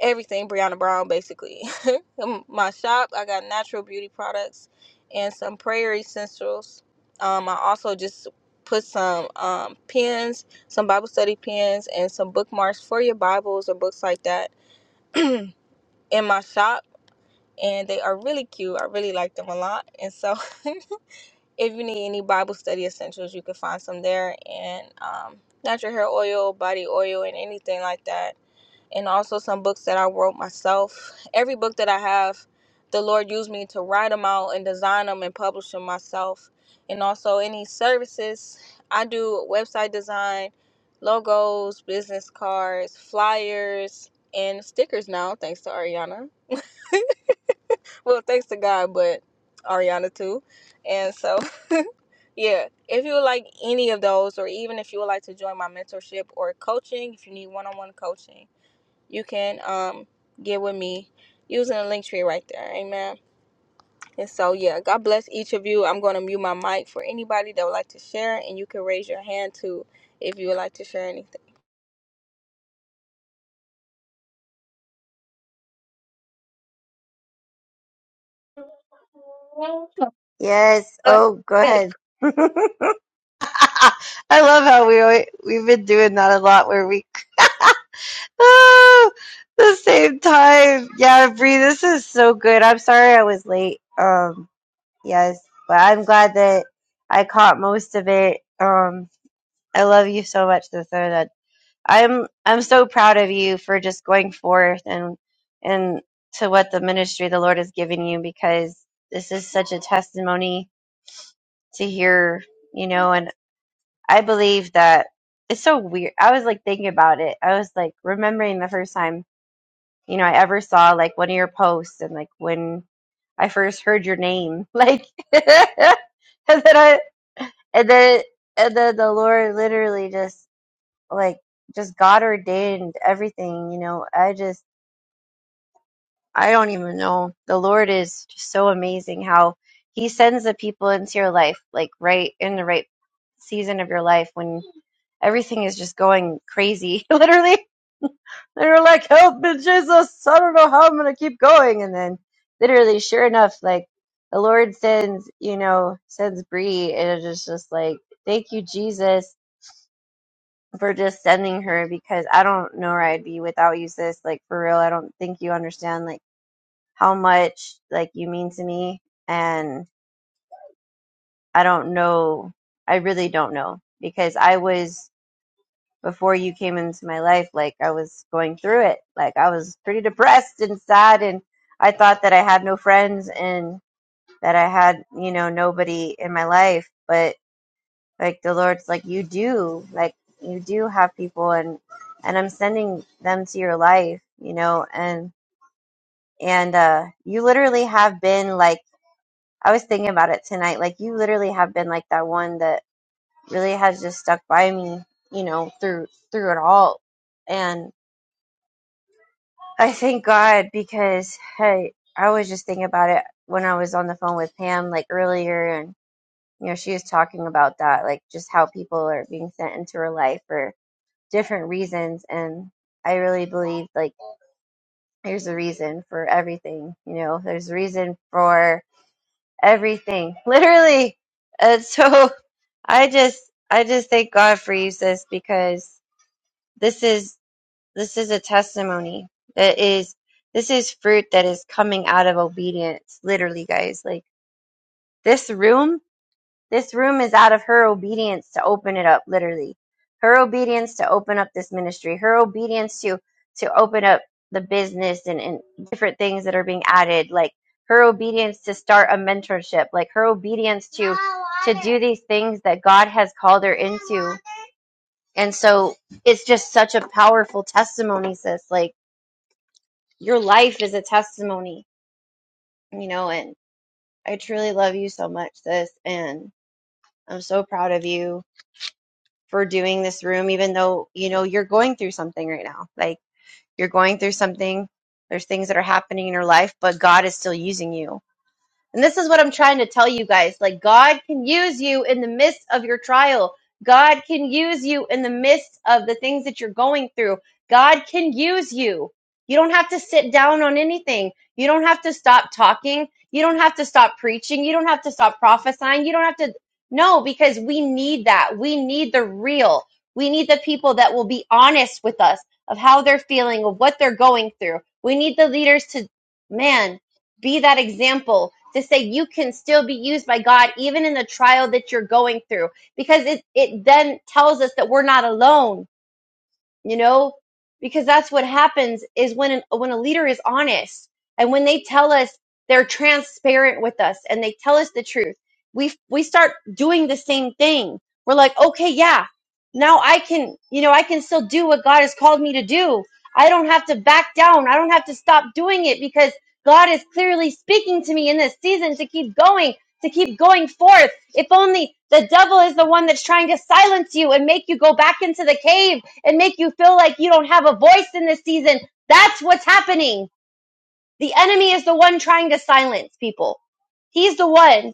everything Brianna Brown basically. My shop, I got natural beauty products and some prayer essentials. Um, I also just put some um, pens, some Bible study pens, and some bookmarks for your Bibles or books like that in my shop. And they are really cute. I really like them a lot. And so, if you need any Bible study essentials, you can find some there. And um, natural hair oil, body oil, and anything like that and also some books that I wrote myself. Every book that I have, the Lord used me to write them out and design them and publish them myself. And also any services, I do website design, logos, business cards, flyers, and stickers now, thanks to Ariana. Well, thanks to God, but Ariana too. And so, yeah, if you would like any of those, or even if you would like to join my mentorship or coaching, if you need one on one coaching, you can um get with me using the link tree right there. Amen. And so yeah, God bless each of you. I'm gonna mute my mic for anybody that would like to share and you can raise your hand too if you would like to share anything.
Yes. Oh, go
Okay,
ahead. I love how we alwa- we've been doing that a lot where we Ah, the same time. Yeah, Bree, this is so good. I'm sorry I was late. Um, yes, but I'm glad that I caught most of it. Um, I love you so much, the that I'm I'm so proud of you for just going forth and and to what the ministry the Lord has given you because this is such a testimony to hear, you know, and I believe that it's so weird. I was like thinking about it. I was like remembering the first time, you know, I ever saw like one of your posts and like when I first heard your name, like, and then I, and then, and then the Lord literally just like, just God ordained everything, you know. I just, I don't even know. The Lord is just so amazing how He sends the people into your life, like right in the right season of your life when everything is just going crazy, literally. They were like, help me, Jesus. I don't know how I'm going to keep going. And then literally, sure enough, like the Lord sends, you know, sends Bree. And it's just, just like, thank you, Jesus, for just sending her because I don't know where I'd be without you, sis. Like, for real, I don't think you understand, like, how much, like, you mean to me. And I don't know. I really don't know because I was before you came into my life, like I was going through it. Like I was pretty depressed and sad and I thought that I had no friends and that I had, you know, nobody in my life. But like the Lord's like, you do, like you do have people and, and I'm sending them to your life, you know, and, and, uh, you literally have been like, I was thinking about it tonight. Like you literally have been like that one that really has just stuck by me, you know, through, through it all. and. I thank God because hey, I was just thinking about it when I was on the phone with Pam like earlier, and you know she was talking about that, like just how people are being sent into her life for different reasons, and I really believe like there's a reason for everything. You know, there's a reason for everything, literally. And so I just, I just thank God for you, sis, because this is This is a testimony that is this is fruit that is coming out of obedience, literally, guys. Like this room, this room is out of her obedience to open it up, literally. Her obedience to open up this ministry, her obedience to to open up the business and, and different things that are being added, like her obedience to start a mentorship, like her obedience to to do these things that God has called her into. And so it's just such a powerful testimony, sis. Like your life is a testimony, you know, and I truly love you so much, sis, and I'm so proud of you for doing this room, even though, you know, you're going through something right now. Like you're going through something, there's things that are happening in your life, but God is still using you And this is what I'm trying to tell you guys. Like, God can use you in the midst of your trial. God can use you in the midst of the things that you're going through. God can use you. You don't have to sit down on anything. You don't have to stop talking. You don't have to stop preaching. You don't have to stop prophesying. You don't have to. No, because we need that. We need the real. We need the people that will be honest with us of how they're feeling, of what they're going through. We need the leaders to, man, be that example to say you can still be used by God even in the trial that you're going through because it it then tells us that we're not alone you know because that's what happens is when an, when a leader is honest and when they tell us they're transparent with us and they tell us the truth we we start doing the same thing we're like okay yeah now i can you know i can still do what god has called me to do i don't have to back down i don't have to stop doing it because god is clearly speaking to me in this season to keep going to keep going forth if only the devil is the one that's trying to silence you and make you go back into the cave and make you feel like you don't have a voice in this season. That's what's happening. The enemy is the one trying to silence people. He's the one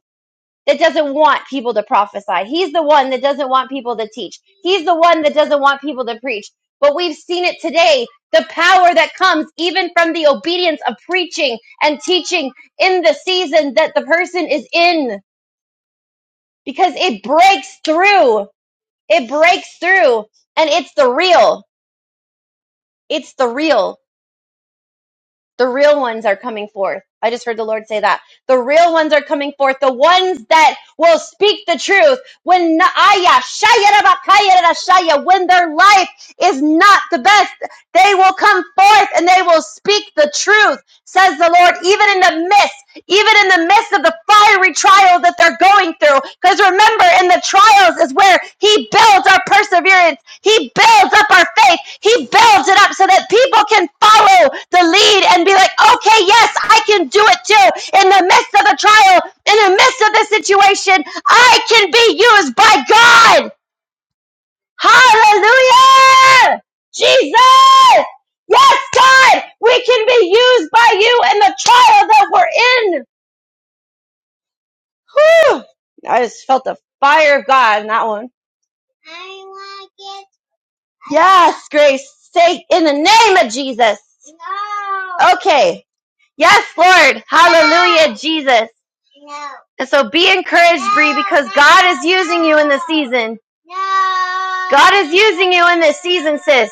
that doesn't want people to prophesy. He's the one that doesn't want people to teach. He's the one that doesn't want people to preach. But we've seen it today the power that comes even from the obedience of preaching and teaching in the season that the person is in because it breaks through. It breaks through and it's the real. It's the real. The real ones are coming forth. I just heard the Lord say that. The real ones are coming forth. The ones that will speak the truth when na- aya, shaya, raba, kaya, rara, shaya, when their life is not the best, they will come forth and they will speak the truth, says the Lord, even in the midst even in the midst of the fiery trials that they're going through. Because remember, in the trials is where He builds our perseverance, He builds up our faith, He builds it up so that people can follow the lead and be like, okay, yes, I can do it too. In the midst of the trial, in the midst of the situation, I can be used by God. Hallelujah! Jesus! Yes, God, we can be used by you in the trial that we're in. Whew! I just felt the fire of God in that one. I want it. Yes, Grace. Say in the name of Jesus. No. Okay. Yes, Lord. Hallelujah, no. Jesus. No. And so be encouraged, no, Bree, because no. God is using you in this season. No. God is using you in this season, sis.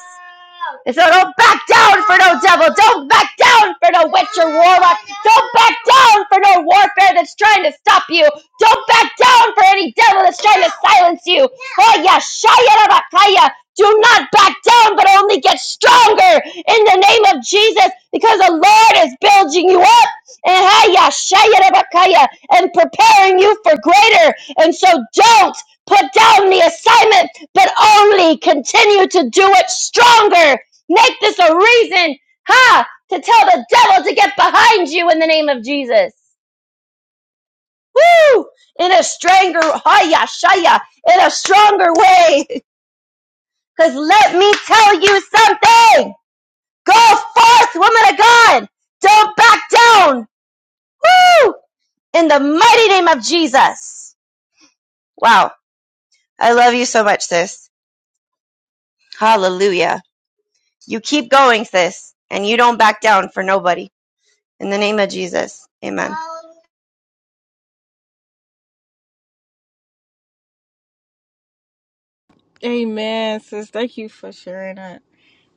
And so don't back down for no devil. Don't back down for no witch or warlock. Don't back down for no warfare that's trying to stop you. Don't back down for any devil that's trying to silence you. Oh, yeah, shaya do not back down, but only get stronger in the name of Jesus, because the Lord is building you up and haya, shaya, rabakaya, and preparing you for greater. And so don't put down the assignment, but only continue to do it stronger. Make this a reason, ha, to tell the devil to get behind you in the name of Jesus. Woo! In a stronger, haya, shaya, in a stronger way. Because let me tell you something. Go forth, woman of God. Don't back down. Woo! In the mighty name of Jesus. Wow. I love you so much, sis. Hallelujah. You keep going, sis, and you don't back down for nobody. In the name of Jesus. Amen.
Amen, sis. Thank you for sharing that.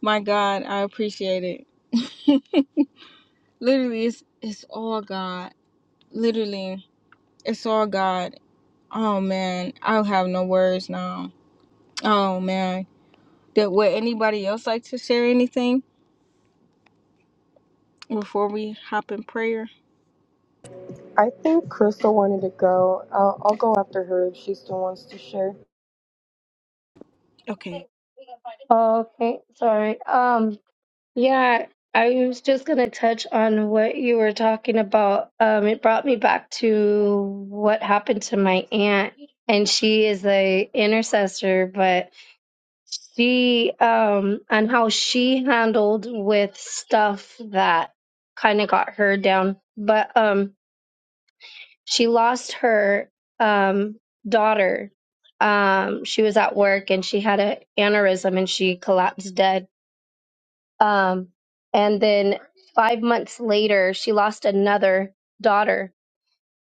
My God, I appreciate it. Literally it's it's all God. Literally, it's all God. Oh man, I don't have no words now. Oh man. That would anybody else like to share anything before we hop in prayer?
I think Crystal wanted to go. I'll, I'll go after her if she still wants to share.
Okay.
Okay, sorry. Um, yeah, I was just gonna touch on what you were talking about. Um, it brought me back to what happened to my aunt, and she is a intercessor, but she um and how she handled with stuff that kind of got her down but um she lost her um daughter um she was at work and she had an aneurysm and she collapsed dead um and then 5 months later she lost another daughter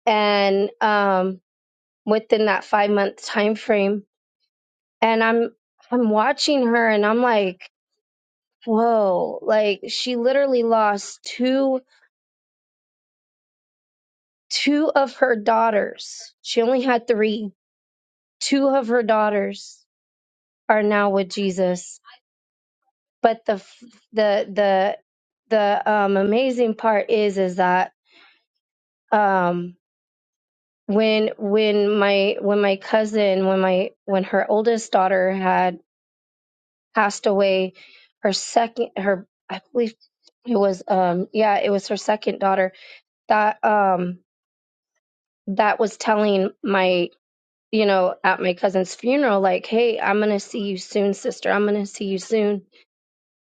and um within that 5 month time frame and I'm I'm watching her and I'm like Whoa, like she literally lost two two of her daughters. She only had three. Two of her daughters are now with Jesus. But the f- the the the um amazing part is is that um when when my when my cousin when my when her oldest daughter had passed away her second her I believe it was um yeah it was her second daughter that um that was telling my you know at my cousin's funeral like hey i'm gonna see you soon sister i'm gonna see you soon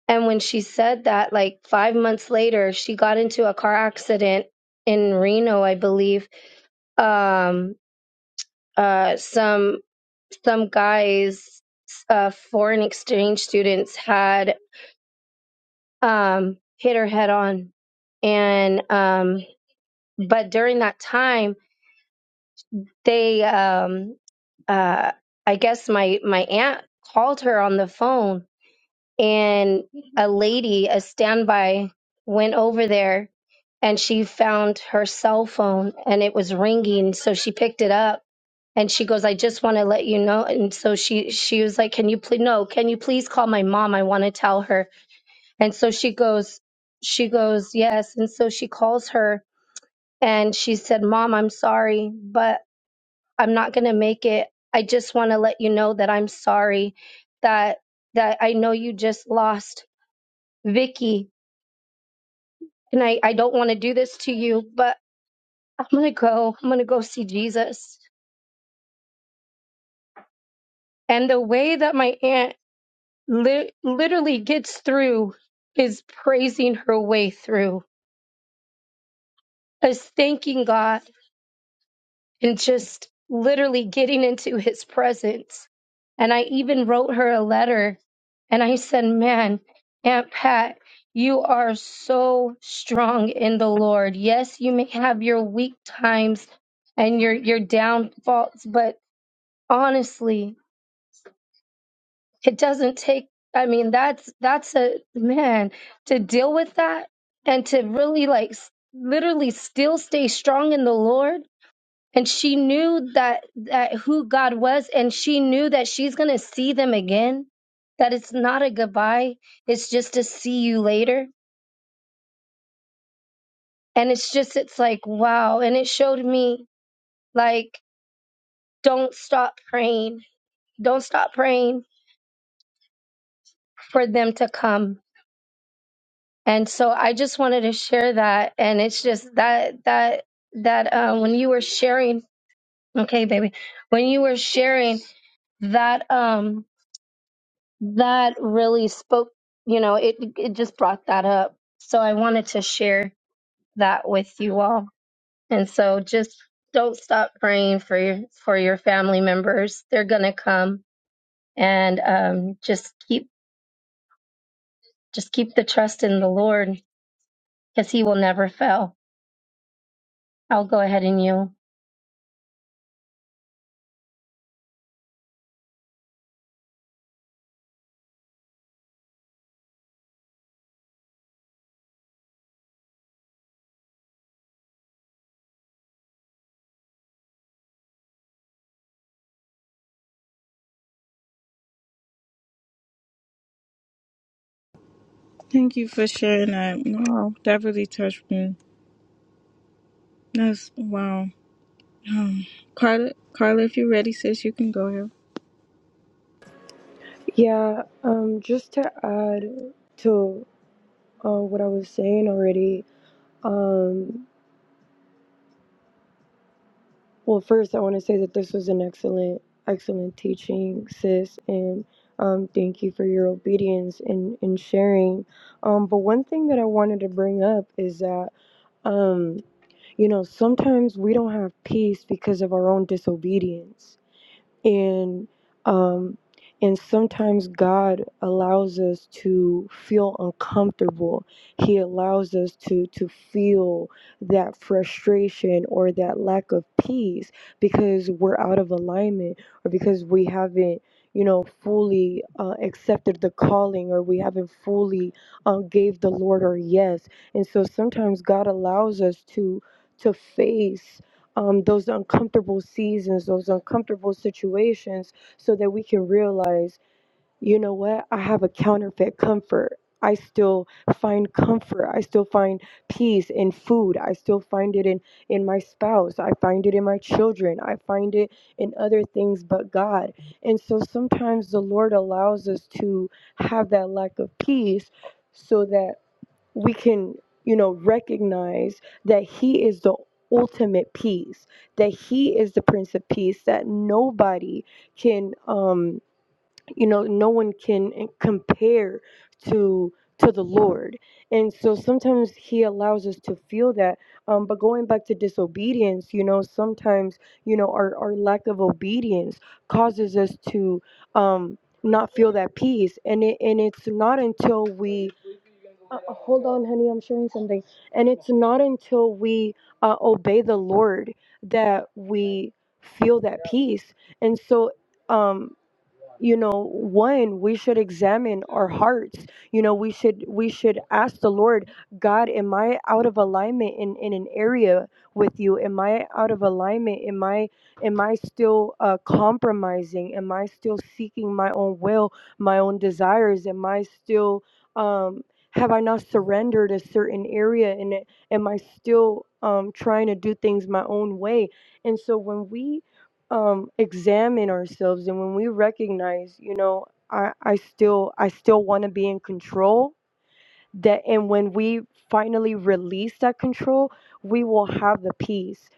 and when she said that like five months later she got into a car accident in reno i believe um uh some some guys uh foreign exchange students had um hit her head on and um but during that time they um uh i guess my my aunt called her on the phone and a lady a standby went over there and she found her cell phone and it was ringing so she picked it up and she goes i just want to let you know and so she she was like can you please no can you please call my mom i want to tell her and so she goes she goes yes and so she calls her and she said mom i'm sorry but I'm not going to make it. I just want to let you know that I'm sorry that that I know you just lost Vicky and I I don't want to do this to you, but I'm going to go. I'm going to go see Jesus. And the way that my aunt li- literally gets through is praising her way through. Is thanking God and just literally getting into his presence. And I even wrote her a letter and I said, Man, Aunt Pat, you are so strong in the Lord. Yes, you may have your weak times and your your downfalls, but honestly, it doesn't take I mean, that's that's a man to deal with that and to really like s- literally still stay strong in the Lord and she knew that that who God was and she knew that she's going to see them again that it's not a goodbye it's just a see you later and it's just it's like wow and it showed me like don't stop praying don't stop praying for them to come and so I just wanted to share that and it's just that that that um when you were sharing okay baby when you were sharing that um. that really spoke, you know, it it just brought that up. So I wanted to share that with you all. And so just don't stop praying for your for your family members. They're gonna come and um, just keep just keep the trust in the Lord because He will never fail. I'll go ahead and you.
Thank you for sharing that. Wow, that really touched me. That's wow. Um, Carla, Carla, if you're ready, sis, you can go ahead.
Yeah, um just to add to uh, what I was saying already, Um. Well, first, I want to say that this was an excellent, excellent teaching, sis, and um, thank you for your obedience and in, sharing. Um, but one thing that I wanted to bring up is that, um, you know, sometimes we don't have peace because of our own disobedience and um and sometimes god allows us to feel uncomfortable he allows us to to feel that frustration or that lack of peace because we're out of alignment or because we haven't you know fully uh, accepted the calling or we haven't fully um, gave the lord our yes and so sometimes god allows us to to face um, those uncomfortable seasons, those uncomfortable situations, so that we can realize, you know what, I have a counterfeit comfort. I still find comfort. I still find peace in food. I still find it in, in my spouse. I find it in my children. I find it in other things but God. And so sometimes the Lord allows us to have that lack of peace so that we can, you know, recognize that He is the ultimate peace, that He is the Prince of Peace, that nobody can, um, you know, no one can eh, compare to to the Lord. And so sometimes He allows us to feel that. Um, but going back to disobedience, you know, sometimes you know our our lack of obedience causes us to um, not feel that peace, and it and it's not until we uh, uh, hold on, honey, I'm showing something. And it's not until we uh, obey the Lord that we feel that peace. And so, um, you know one we should examine our hearts you know we should we should ask the lord god am i out of alignment in in an area with you am i out of alignment am i am i still uh, compromising am i still seeking my own will my own desires am i still um have i not surrendered a certain area and am i still um trying to do things my own way and so when we um, examine ourselves and when we recognize you know i, I still i still want to be in control that and when we finally release that control we will have the peace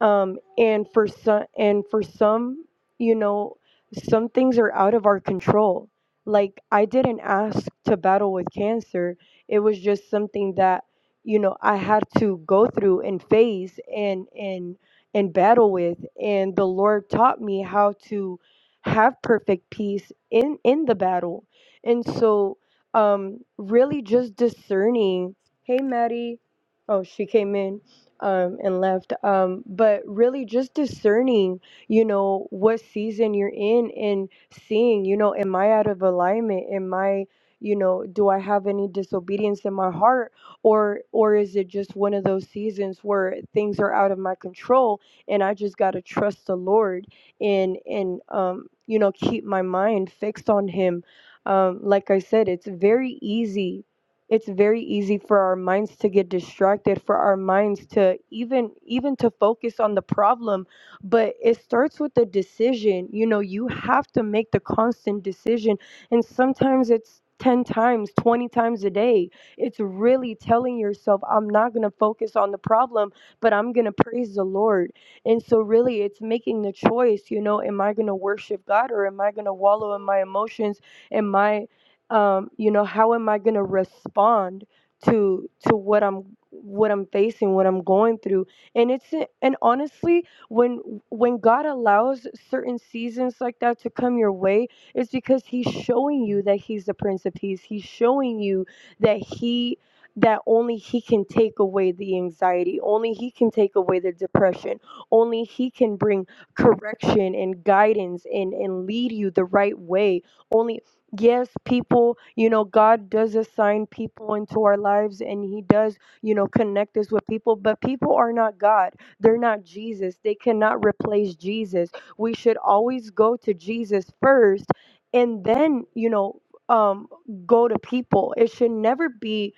um and for some and for some you know some things are out of our control like i didn't ask to battle with cancer it was just something that you know i had to go through and face and and and battle with and the lord taught me how to have perfect peace in in the battle and so um really just discerning hey maddie oh she came in um and left um but really just discerning you know what season you're in and seeing you know am i out of alignment am i you know do i have any disobedience in my heart or or is it just one of those seasons where things are out of my control and i just got to trust the lord and and um you know keep my mind fixed on him um, like i said it's very easy it's very easy for our minds to get distracted for our minds to even even to focus on the problem but it starts with the decision you know you have to make the constant decision and sometimes it's 10 times 20 times a day it's really telling yourself i'm not going to focus on the problem but i'm going to praise the lord and so, really, it's making the choice you know, am I going to worship God or am I going to wallow in my emotions? am i um, you know how am i going to respond to to what i'm what i'm facing what i'm going through and it's and honestly when when god allows certain seasons like that to come your way it's because he's showing you that he's the prince of peace he's showing you that he that only he can take away the anxiety only he can take away the depression only he can bring correction and guidance and and lead you the right way only yes people you know god does assign people into our lives and he does you know connect us with people but people are not god they're not jesus they cannot replace jesus we should always go to jesus first and then you know um go to people it should never be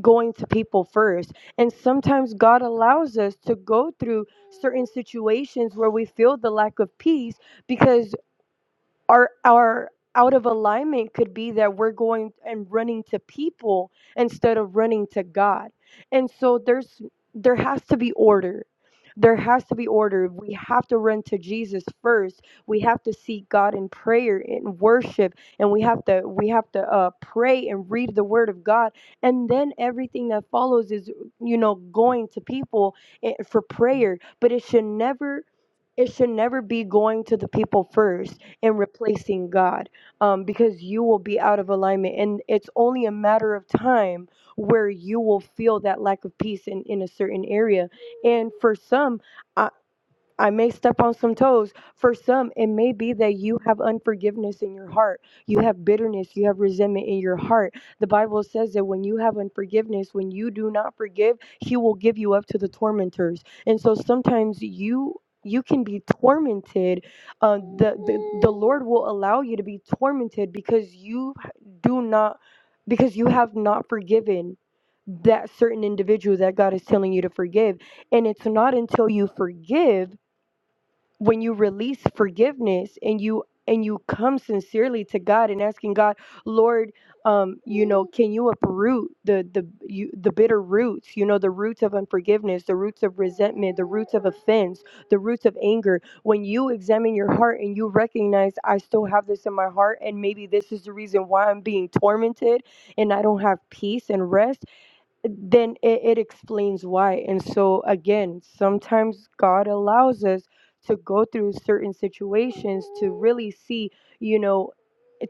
going to people first and sometimes god allows us to go through certain situations where we feel the lack of peace because our our out of alignment could be that we're going and running to people instead of running to God. And so there's there has to be order. There has to be order. We have to run to Jesus first. We have to seek God in prayer and worship, and we have to we have to uh, pray and read the Word of God, and then everything that follows is you know going to people eh, for prayer. But it should never it should never be going to the people first and replacing God um, because you will be out of alignment. And it's only a matter of time where you will feel that lack of peace in, in a certain area. And for some, I may step on some toes. For some, it may be that you have unforgiveness in your heart. You have bitterness. You have resentment in your heart. The Bible says that when you have unforgiveness, when you do not forgive, He will give you up to the tormentors. And so sometimes you. You can be tormented. Uh, the, the the Lord will allow you to be tormented because you do not, because you have not forgiven that certain individual that God is telling you to forgive. And it's not until you forgive when you release forgiveness and you and you come sincerely to God and asking God, Lord, um, you know, can you uproot the the you, the bitter roots, you know, the roots of unforgiveness, the roots of resentment, the roots of offense, the roots of anger. When you examine your heart and you recognize I still have this in my heart and maybe this is the reason why I'm being tormented and I don't have peace and rest, then it, it explains why. And so, again, sometimes God allows us to go through certain situations to really see, you know,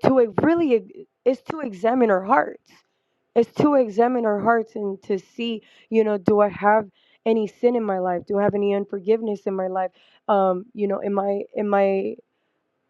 to e- really, e- is to examine our hearts. It's to examine our hearts and to see, you know, do I have any sin in my life? Do I have any unforgiveness in my life? Um, you know, am I, am I?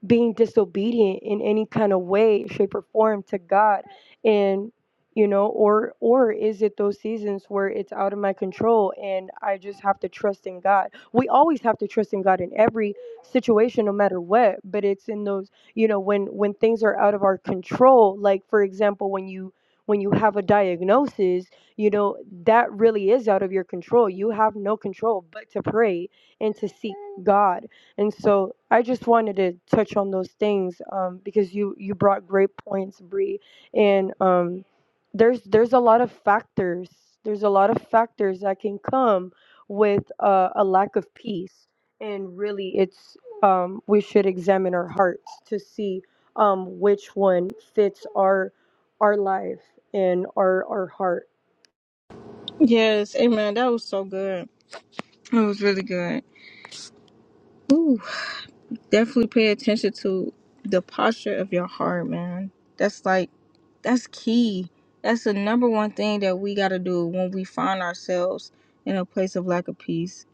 being disobedient in any kind of way shape or form to god and you know or or is it those seasons where it's out of my control and i just have to trust in god we always have to trust in god in every situation no matter what but it's in those you know when when things are out of our control like for example when you when you have a diagnosis you know that really is out of your control you have no control but to pray and to seek god and so I just wanted to touch on those things um, because you you brought great points, Bree. And um, there's there's a lot of factors. There's a lot of factors that can come with uh, a lack of peace. And really, it's um, we should examine our hearts to see um, which one fits our our life and our our heart.
Yes, amen. That was so good. That was really good. Ooh, definitely pay attention to the posture of your heart, man. That's like, that's key. That's the number one thing that we got to do when we find ourselves in a place of lack of peace.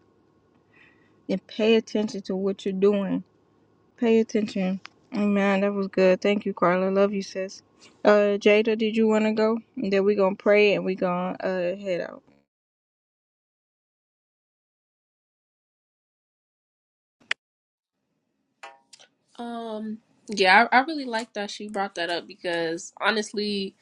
And pay attention to what you're doing Pay attention. Amen. That was good. Thank you, Carla. Love you, sis. Uh, Jada, did you want to go? And then we gonna pray and we gonna uh head out.
Um, yeah, I, I really like that she brought that up because honestly,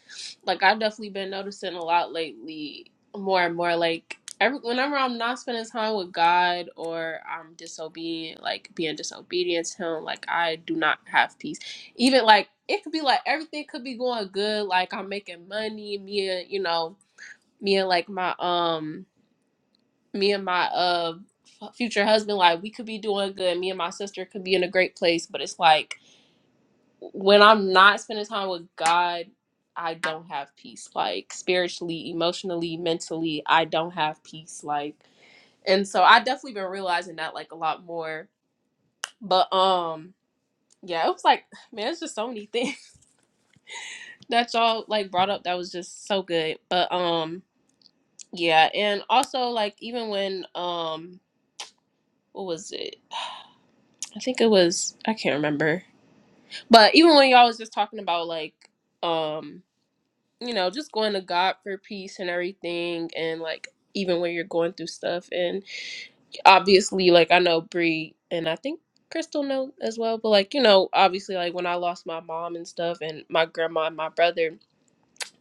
like I've definitely been noticing a lot lately, more and more. Like every whenever I'm not spending time with God or I'm disobedient, like being disobedient to Him, like I do not have peace. Even like it could be like everything could be going good, like I'm making money, me and you know, me and like my um, me and my uh future husband, like we could be doing good. Me and my sister could be in a great place, but it's like when I'm not spending time with God, I don't have peace. Like spiritually, emotionally, mentally, I don't have peace. Like, and so I definitely been realizing that like a lot more. But um, yeah, it was like, man, it's just so many things that y'all like brought up that was just so good. But um, yeah, and also like even when um, what was it? I think it was I can't remember. But even when y'all was just talking about like um you know, just going to God for peace and everything, and like even when you're going through stuff. And obviously, like I know Bree and I think Crystal know as well, but like you know, obviously, like when I lost my mom and stuff, and my grandma and my brother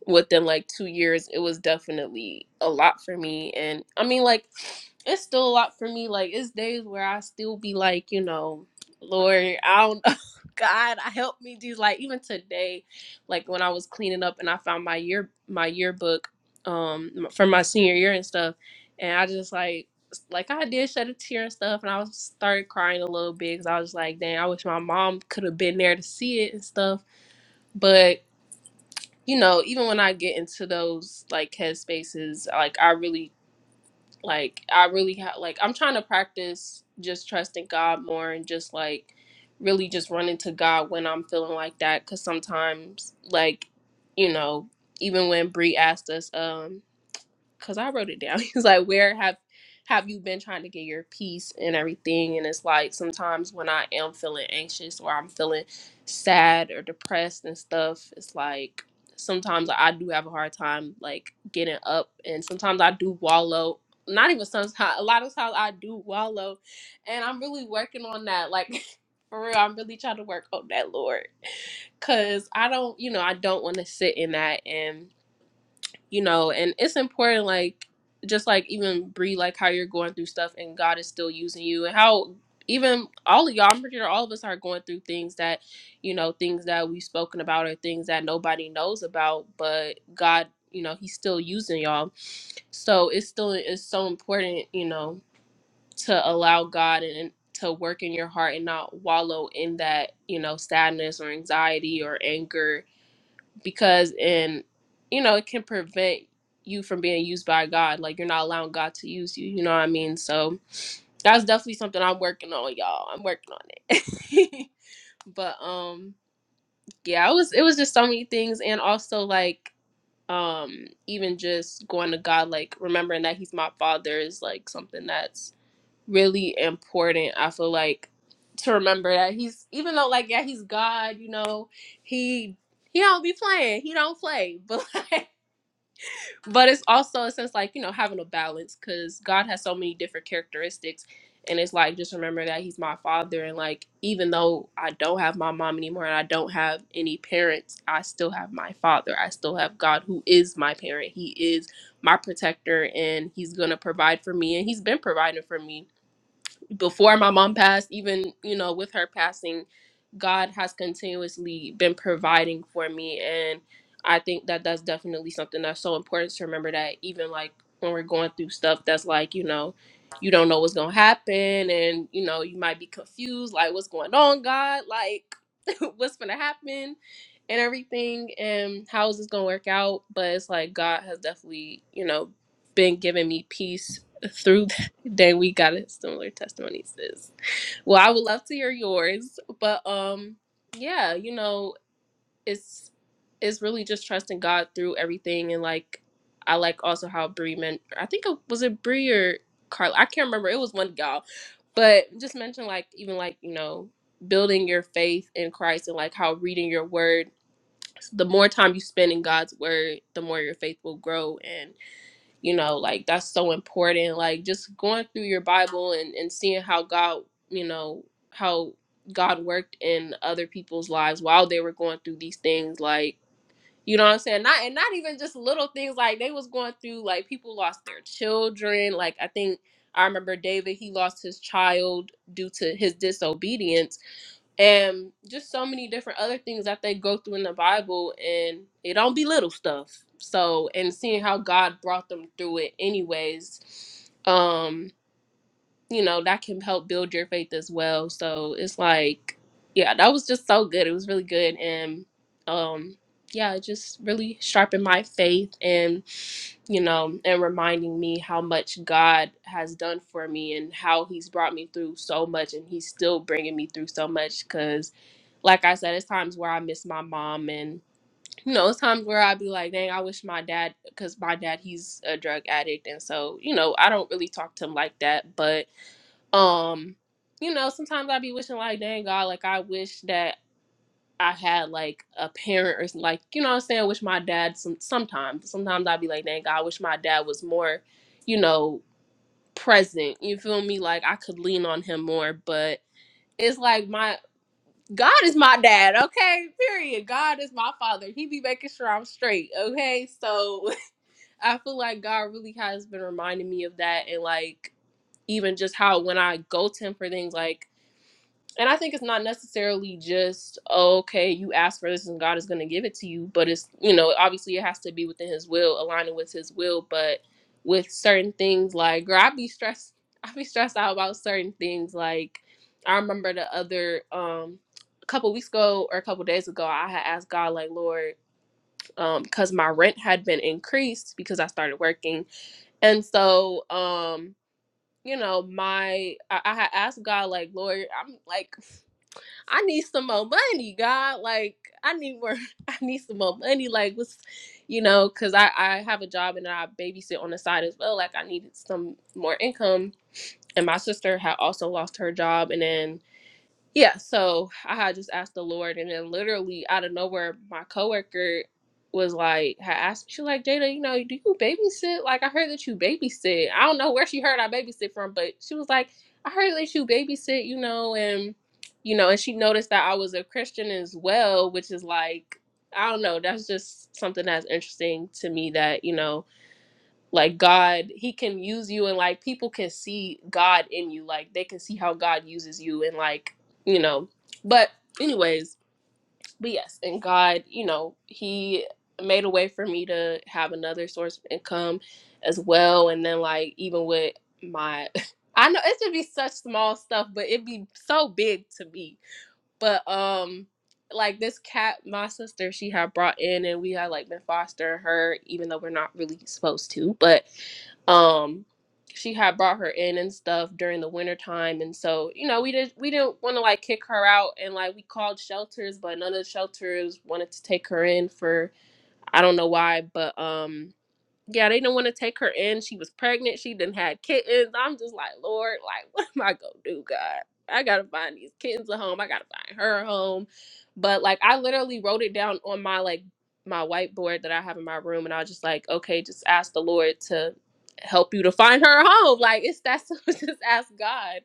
within like two years, it was definitely a lot for me. And I mean, like, it's still a lot for me. Like, it's days where I still be like, you know, Lord, I don't know. God, I help me do like even today, like when I was cleaning up and I found my year my yearbook um from my senior year and stuff, and I just like like I did shed a tear and stuff, and I was started crying a little bit because I was like, dang, I wish my mom could have been there to see it and stuff. but you know, even when I get into those like head spaces, like I really like I really have like I'm trying to practice just trusting God more and just like really just running to God when I'm feeling like that cuz sometimes like you know, even when Brie asked us um because I wrote it down. He's like, where have have you been trying to get your peace and everything? And it's like sometimes when I am feeling anxious or I'm feeling sad or depressed and stuff, it's like sometimes I do have a hard time like getting up, and sometimes I do wallow. Not even sometimes. A lot of times I do wallow, and I'm really working on that. Like for real, I'm really trying to work on that, Lord, because I don't, you know, I don't want to sit in that and you know and it's important like just like even Bree, like how you're going through stuff and god is still using you and how even all of y'all i'm pretty sure all of us are going through things that you know things that we've spoken about or things that nobody knows about but god you know he's still using y'all so it's still it's so important you know to allow god and and to work in your heart and not wallow in that you know sadness or anxiety or anger because in, you know it can prevent you from being used by god like you're not allowing god to use you you know what i mean so that's definitely something i'm working on y'all i'm working on it but um yeah it was it was just so many things and also like um even just going to god like remembering that he's my father is like something that's really important i feel like to remember that he's even though like yeah he's god you know he he don't be playing. He don't play. But but it's also a sense like you know having a balance because god has so many different characteristics and it's like just remember that he's my father and like even though i don't have my mom anymore and i don't have any parents i still have my father i still have god who is my parent he is my protector and he's gonna provide for me and he's been providing for me before my mom passed, even, you know, with her passing, God has continuously been providing for me. And I think that that's definitely something that's so important to remember that even like when we're going through stuff that's like, you know, you don't know what's going to happen and, you know, you might be confused like, what's going on, God? Like, what's going to happen? And everything, and how is this gonna work out? But it's like God has definitely, you know, been giving me peace through. Dang, we got a similar testimony, sis. Well, I would love to hear yours, but um, yeah, you know, it's it's really just trusting God through everything, and like I like also how Bree meant. I think it was it Bree or Carla. I can't remember. It was one of y'all, but just mention like even like you know building your faith in Christ and like how reading your word. The more time you spend in God's word, the more your faith will grow, and you know like that's so important like just going through your bible and and seeing how god you know how god worked in other people's lives while they were going through these things like you know what i'm saying not and not even just little things like they was going through like people lost their children like i think i remember david he lost his child due to his disobedience and just so many different other things that they go through in the Bible, and it don't be little stuff. So, and seeing how God brought them through it, anyways, um, you know that can help build your faith as well. So it's like, yeah, that was just so good. It was really good, and um, yeah, it just really sharpened my faith, and you know, and reminding me how much God has done for me and how He's brought me through so much, and He's still bringing me through so much, 'cause like I said, it's times where I miss my mom, and you know, it's times where I'd be like, dang, I wish my dad, because my dad, he's a drug addict, and so you know, I don't really talk to him like that, but um, you know, sometimes I'd be wishing like, dang God, like I wish that I had like a parent or some- like, you know, what I'm saying, I wish my dad. Some sometimes, sometimes I'd be like, dang God, I wish my dad was more, you know, present. You feel me? Like I could lean on him more, but it's like my God is my dad, okay? Period. God is my father. He be making sure I'm straight, okay? So I feel like God really has been reminding me of that and like even just how when I go to him for things like and I think it's not necessarily just oh, okay, you ask for this and God is going to give it to you, but it's you know obviously it has to be within His will, aligning with His will. But with certain things like, girl, I be stressed, I be stressed out about certain things. Like I remember the other um a couple weeks ago or a couple days ago, I had asked God like, Lord, um, because my rent had been increased because I started working, and so um you know, my I, I had asked God like, Lord, I'm like I need some more money, God. Like, I need more. I need some more money. Like, what's, you know, because I I have a job and I babysit on the side as well. Like, I needed some more income. And my sister had also lost her job, and then yeah, so I had just asked the Lord, and then literally out of nowhere, my coworker was like, had asked, she like, Jada, you know, do you babysit? Like, I heard that you babysit. I don't know where she heard I babysit from, but she was like, I heard that you babysit, you know, and you know, and she noticed that I was a Christian as well, which is like, I don't know, that's just something that's interesting to me that you know like god he can use you and like people can see god in you like they can see how god uses you and like you know but anyways but yes and god you know he made a way for me to have another source of income as well and then like even with my i know it should be such small stuff but it'd be so big to me but um like this cat my sister she had brought in and we had like been fostering her even though we're not really supposed to, but um she had brought her in and stuff during the winter time and so you know we did we didn't want to like kick her out and like we called shelters but none of the shelters wanted to take her in for i don't know why but um yeah, they didn't want to take her in. She was pregnant. She didn't had kittens. I'm just like, Lord, like, what am I gonna do, God? I gotta find these kittens a home. I gotta find her a home. But like, I literally wrote it down on my like my whiteboard that I have in my room, and I was just like, okay, just ask the Lord to help you to find her a home. Like, it's that's just ask God.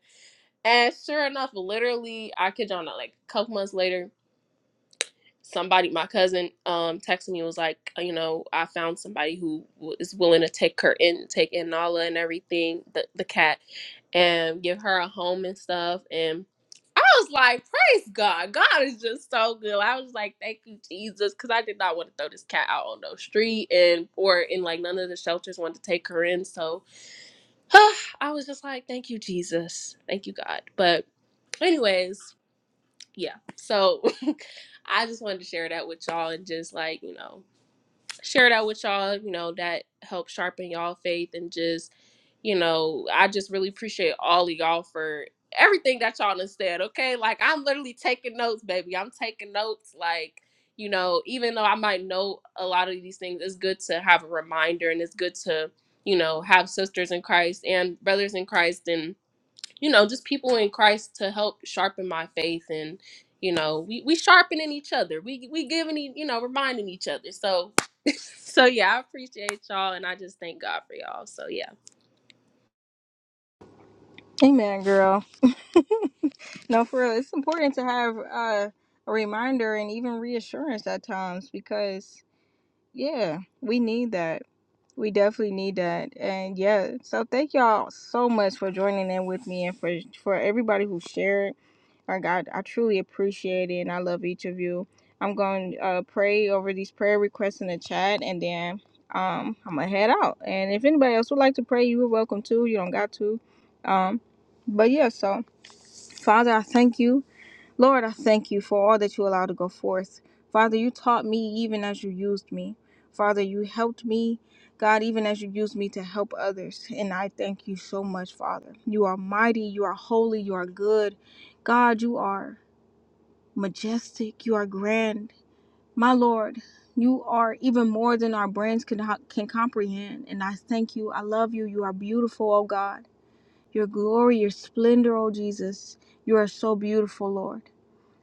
And sure enough, literally, I kid y'all not, like a couple months later, somebody my cousin um texted me and was like uh, you know i found somebody who w- is willing to take her in take in nala and everything the, the cat and give her a home and stuff and i was like praise god god is just so good i was like thank you jesus because i did not want to throw this cat out on the street and or in like none of the shelters wanted to take her in so i was just like thank you jesus thank you god but anyways yeah so I just wanted to share that with y'all and just like, you know, share that with y'all, you know, that helped sharpen y'all faith and just, you know, I just really appreciate all of y'all for everything that y'all done said, okay? Like I'm literally taking notes, baby. I'm taking notes like you know, even though I might know a lot of these things, it's good to have a reminder and it's good to, you know, have sisters in Christ and brothers in Christ and you know, just people in Christ to help sharpen my faith and you know, we we sharpening each other. We we giving e- you know, reminding each other. So so yeah, I appreciate y'all and I just thank God for y'all. So yeah.
Amen, girl. No, for real, it's important to have uh, a reminder and even reassurance at times because yeah, we need that. We definitely need that. And yeah, so thank y'all so much for joining in with me and for for everybody who shared Like I, I truly appreciate it and I love each of you. I'm going to uh, pray over these prayer requests in the chat and then um, I'm going to head out. And if anybody else would like to pray, you're welcome to. You don't got to. Um, but yeah, so Father, I thank you. Lord, I thank you for all that you allowed to go forth. Father, you taught me even as you used me. Father, you helped me, God, even as you used me to help others. And I thank you so much, Father. You are mighty, you are holy, you are good. God, you are majestic, you are grand. My Lord, you are even more than our brains can, can comprehend. And I thank you. I love you. You are beautiful, oh God. Your glory, your splendor, oh Jesus. You are so beautiful, Lord.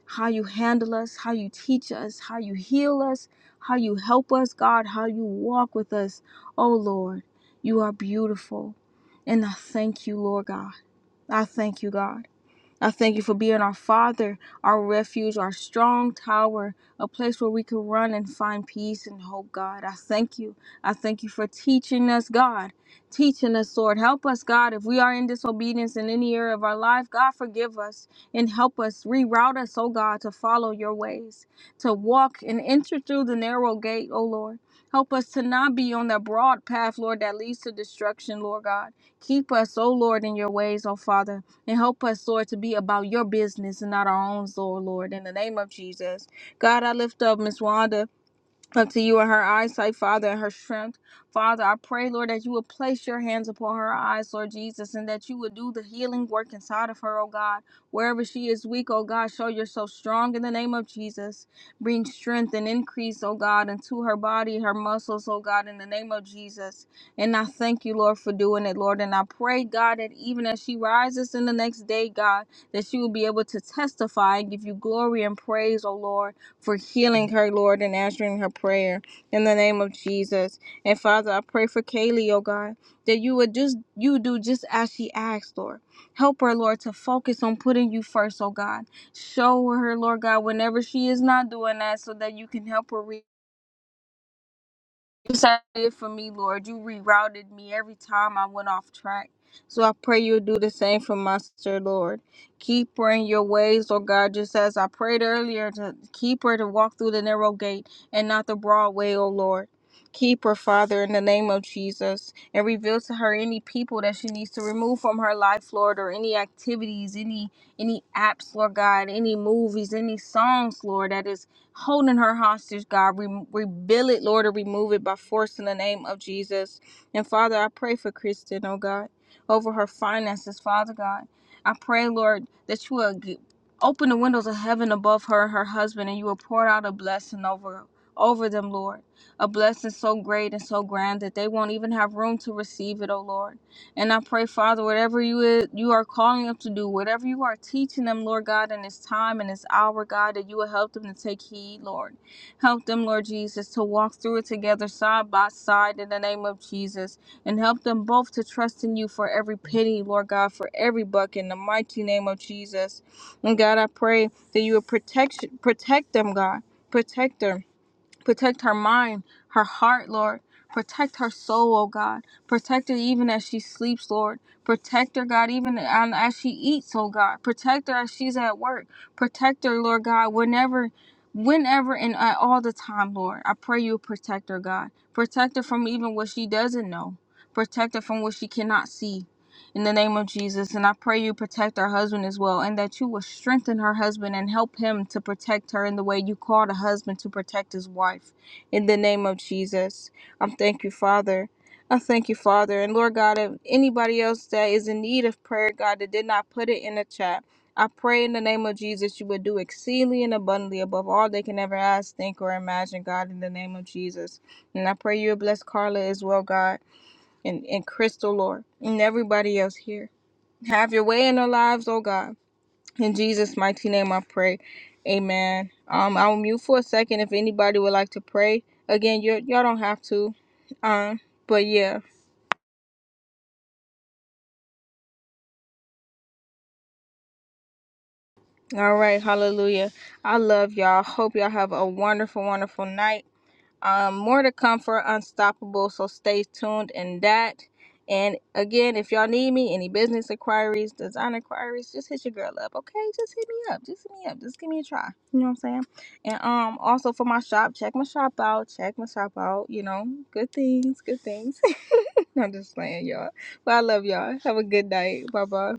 How you handle us, how you teach us, how you heal us, how you help us, God, how you walk with us, oh Lord. You are beautiful. And I thank you, Lord God. I thank you, God. I thank you for being our Father, our refuge, our strong tower, a place where we can run and find peace and hope, God. I thank you. I thank you for teaching us, God. Teaching us, Lord. Help us, God. If we are in disobedience in any area of our life, God, forgive us and help us. Reroute us, oh God, to follow your ways, to walk and enter through the narrow gate, oh Lord. Help us to not be on that broad path, Lord, that leads to destruction, Lord God. Keep us, oh Lord, in your ways, oh Father. And help us, Lord, to be about your business and not our own, Lord, Lord. In the name of Jesus. God, I lift up Miss Wanda up to you in her eyesight, Father, and her strength. Father, I pray, Lord, that you would place your hands upon her eyes, Lord Jesus, and that you would do the healing work inside of her, oh God. Wherever she is weak, oh God, show yourself strong in the name of Jesus. Bring strength and increase, oh God, into her body, her muscles, oh God, in the name of Jesus. And I thank you, Lord, for doing it, Lord. And I pray, God, that even as she rises in the next day, God, that she will be able to testify and give you glory and praise, oh Lord for healing her, Lord, and answering her prayer in the name of Jesus. And Father, I pray for Kaylee, oh God, that you would just you do just as she asked, Lord. Help her, Lord, to focus on putting you first, oh God. Show her, Lord God, whenever she is not doing that so that you can help her reach. You set it for me, Lord. You rerouted me every time I went off track. So I pray you'll do the same for my sister, Lord. Keep her in your ways, oh God, just as I prayed earlier to keep her to walk through the narrow gate and not the broad way, oh Lord. Keep her, Father, in the name of Jesus, and reveal to her any people that she needs to remove from her life, Lord, or any activities, any any apps, Lord God, any movies, any songs, Lord, that is holding her hostage, God. Re- rebuild it, Lord, or remove it by force in the name of Jesus. And Father, I pray for Kristen, oh God, over her finances, Father God. I pray, Lord, that you will g- open the windows of heaven above her and her husband, and you will pour out a blessing over over them, Lord. A blessing so great and so grand that they won't even have room to receive it, oh Lord. And I pray, Father, whatever you is, you are calling them to do, whatever you are teaching them, Lord God, in this time and this hour, God, that you will help them to take heed, Lord. Help them, Lord Jesus, to walk through it together, side by side, in the name of Jesus, and help them both to trust in you for every penny, Lord God, for every buck, in the mighty name of Jesus. And God, I pray that you would protect protect them, God, protect them. Protect her mind, her heart, Lord. Protect her soul, oh God. Protect her even as she sleeps, Lord. Protect her, God, even um, as she eats, oh God. Protect her as she's at work. Protect her, Lord God, whenever, whenever and at all the time, Lord. I pray you protect her, God. Protect her from even what she doesn't know. Protect her from what she cannot see in the name of Jesus. And I pray you protect her husband as well, and that you will strengthen her husband and help him to protect her in the way you called a husband to protect his wife. In the name of Jesus. I thank you, Father. I thank you, Father. And Lord God, if anybody else that is in need of prayer, God, that did not put it in the chat, I pray in the name of Jesus you would do exceedingly and abundantly above all they can ever ask, think, or imagine, God, in the name of Jesus. And I pray you would bless Carla as well, God and, and Crystal, Lord, and everybody else here. Have your way in our lives, oh God. In Jesus' mighty name I pray. Amen. Um, I'll mute for a second if anybody would like to pray. Again, you y'all don't have to. Um, but yeah. All right, hallelujah. I love y'all. Hope y'all have a wonderful, wonderful night. um, more to come for Unstoppable. So stay tuned in that. And again, if y'all need me, any business inquiries, design inquiries, just hit your girl up, okay? Just hit me up. Just hit me up. Just give me a try. You know what I'm saying? And um, also for my shop, check my shop out. Check my shop out. You know, good things, good things. I'm just playing, y'all. But I love y'all. Have a good night. Bye bye.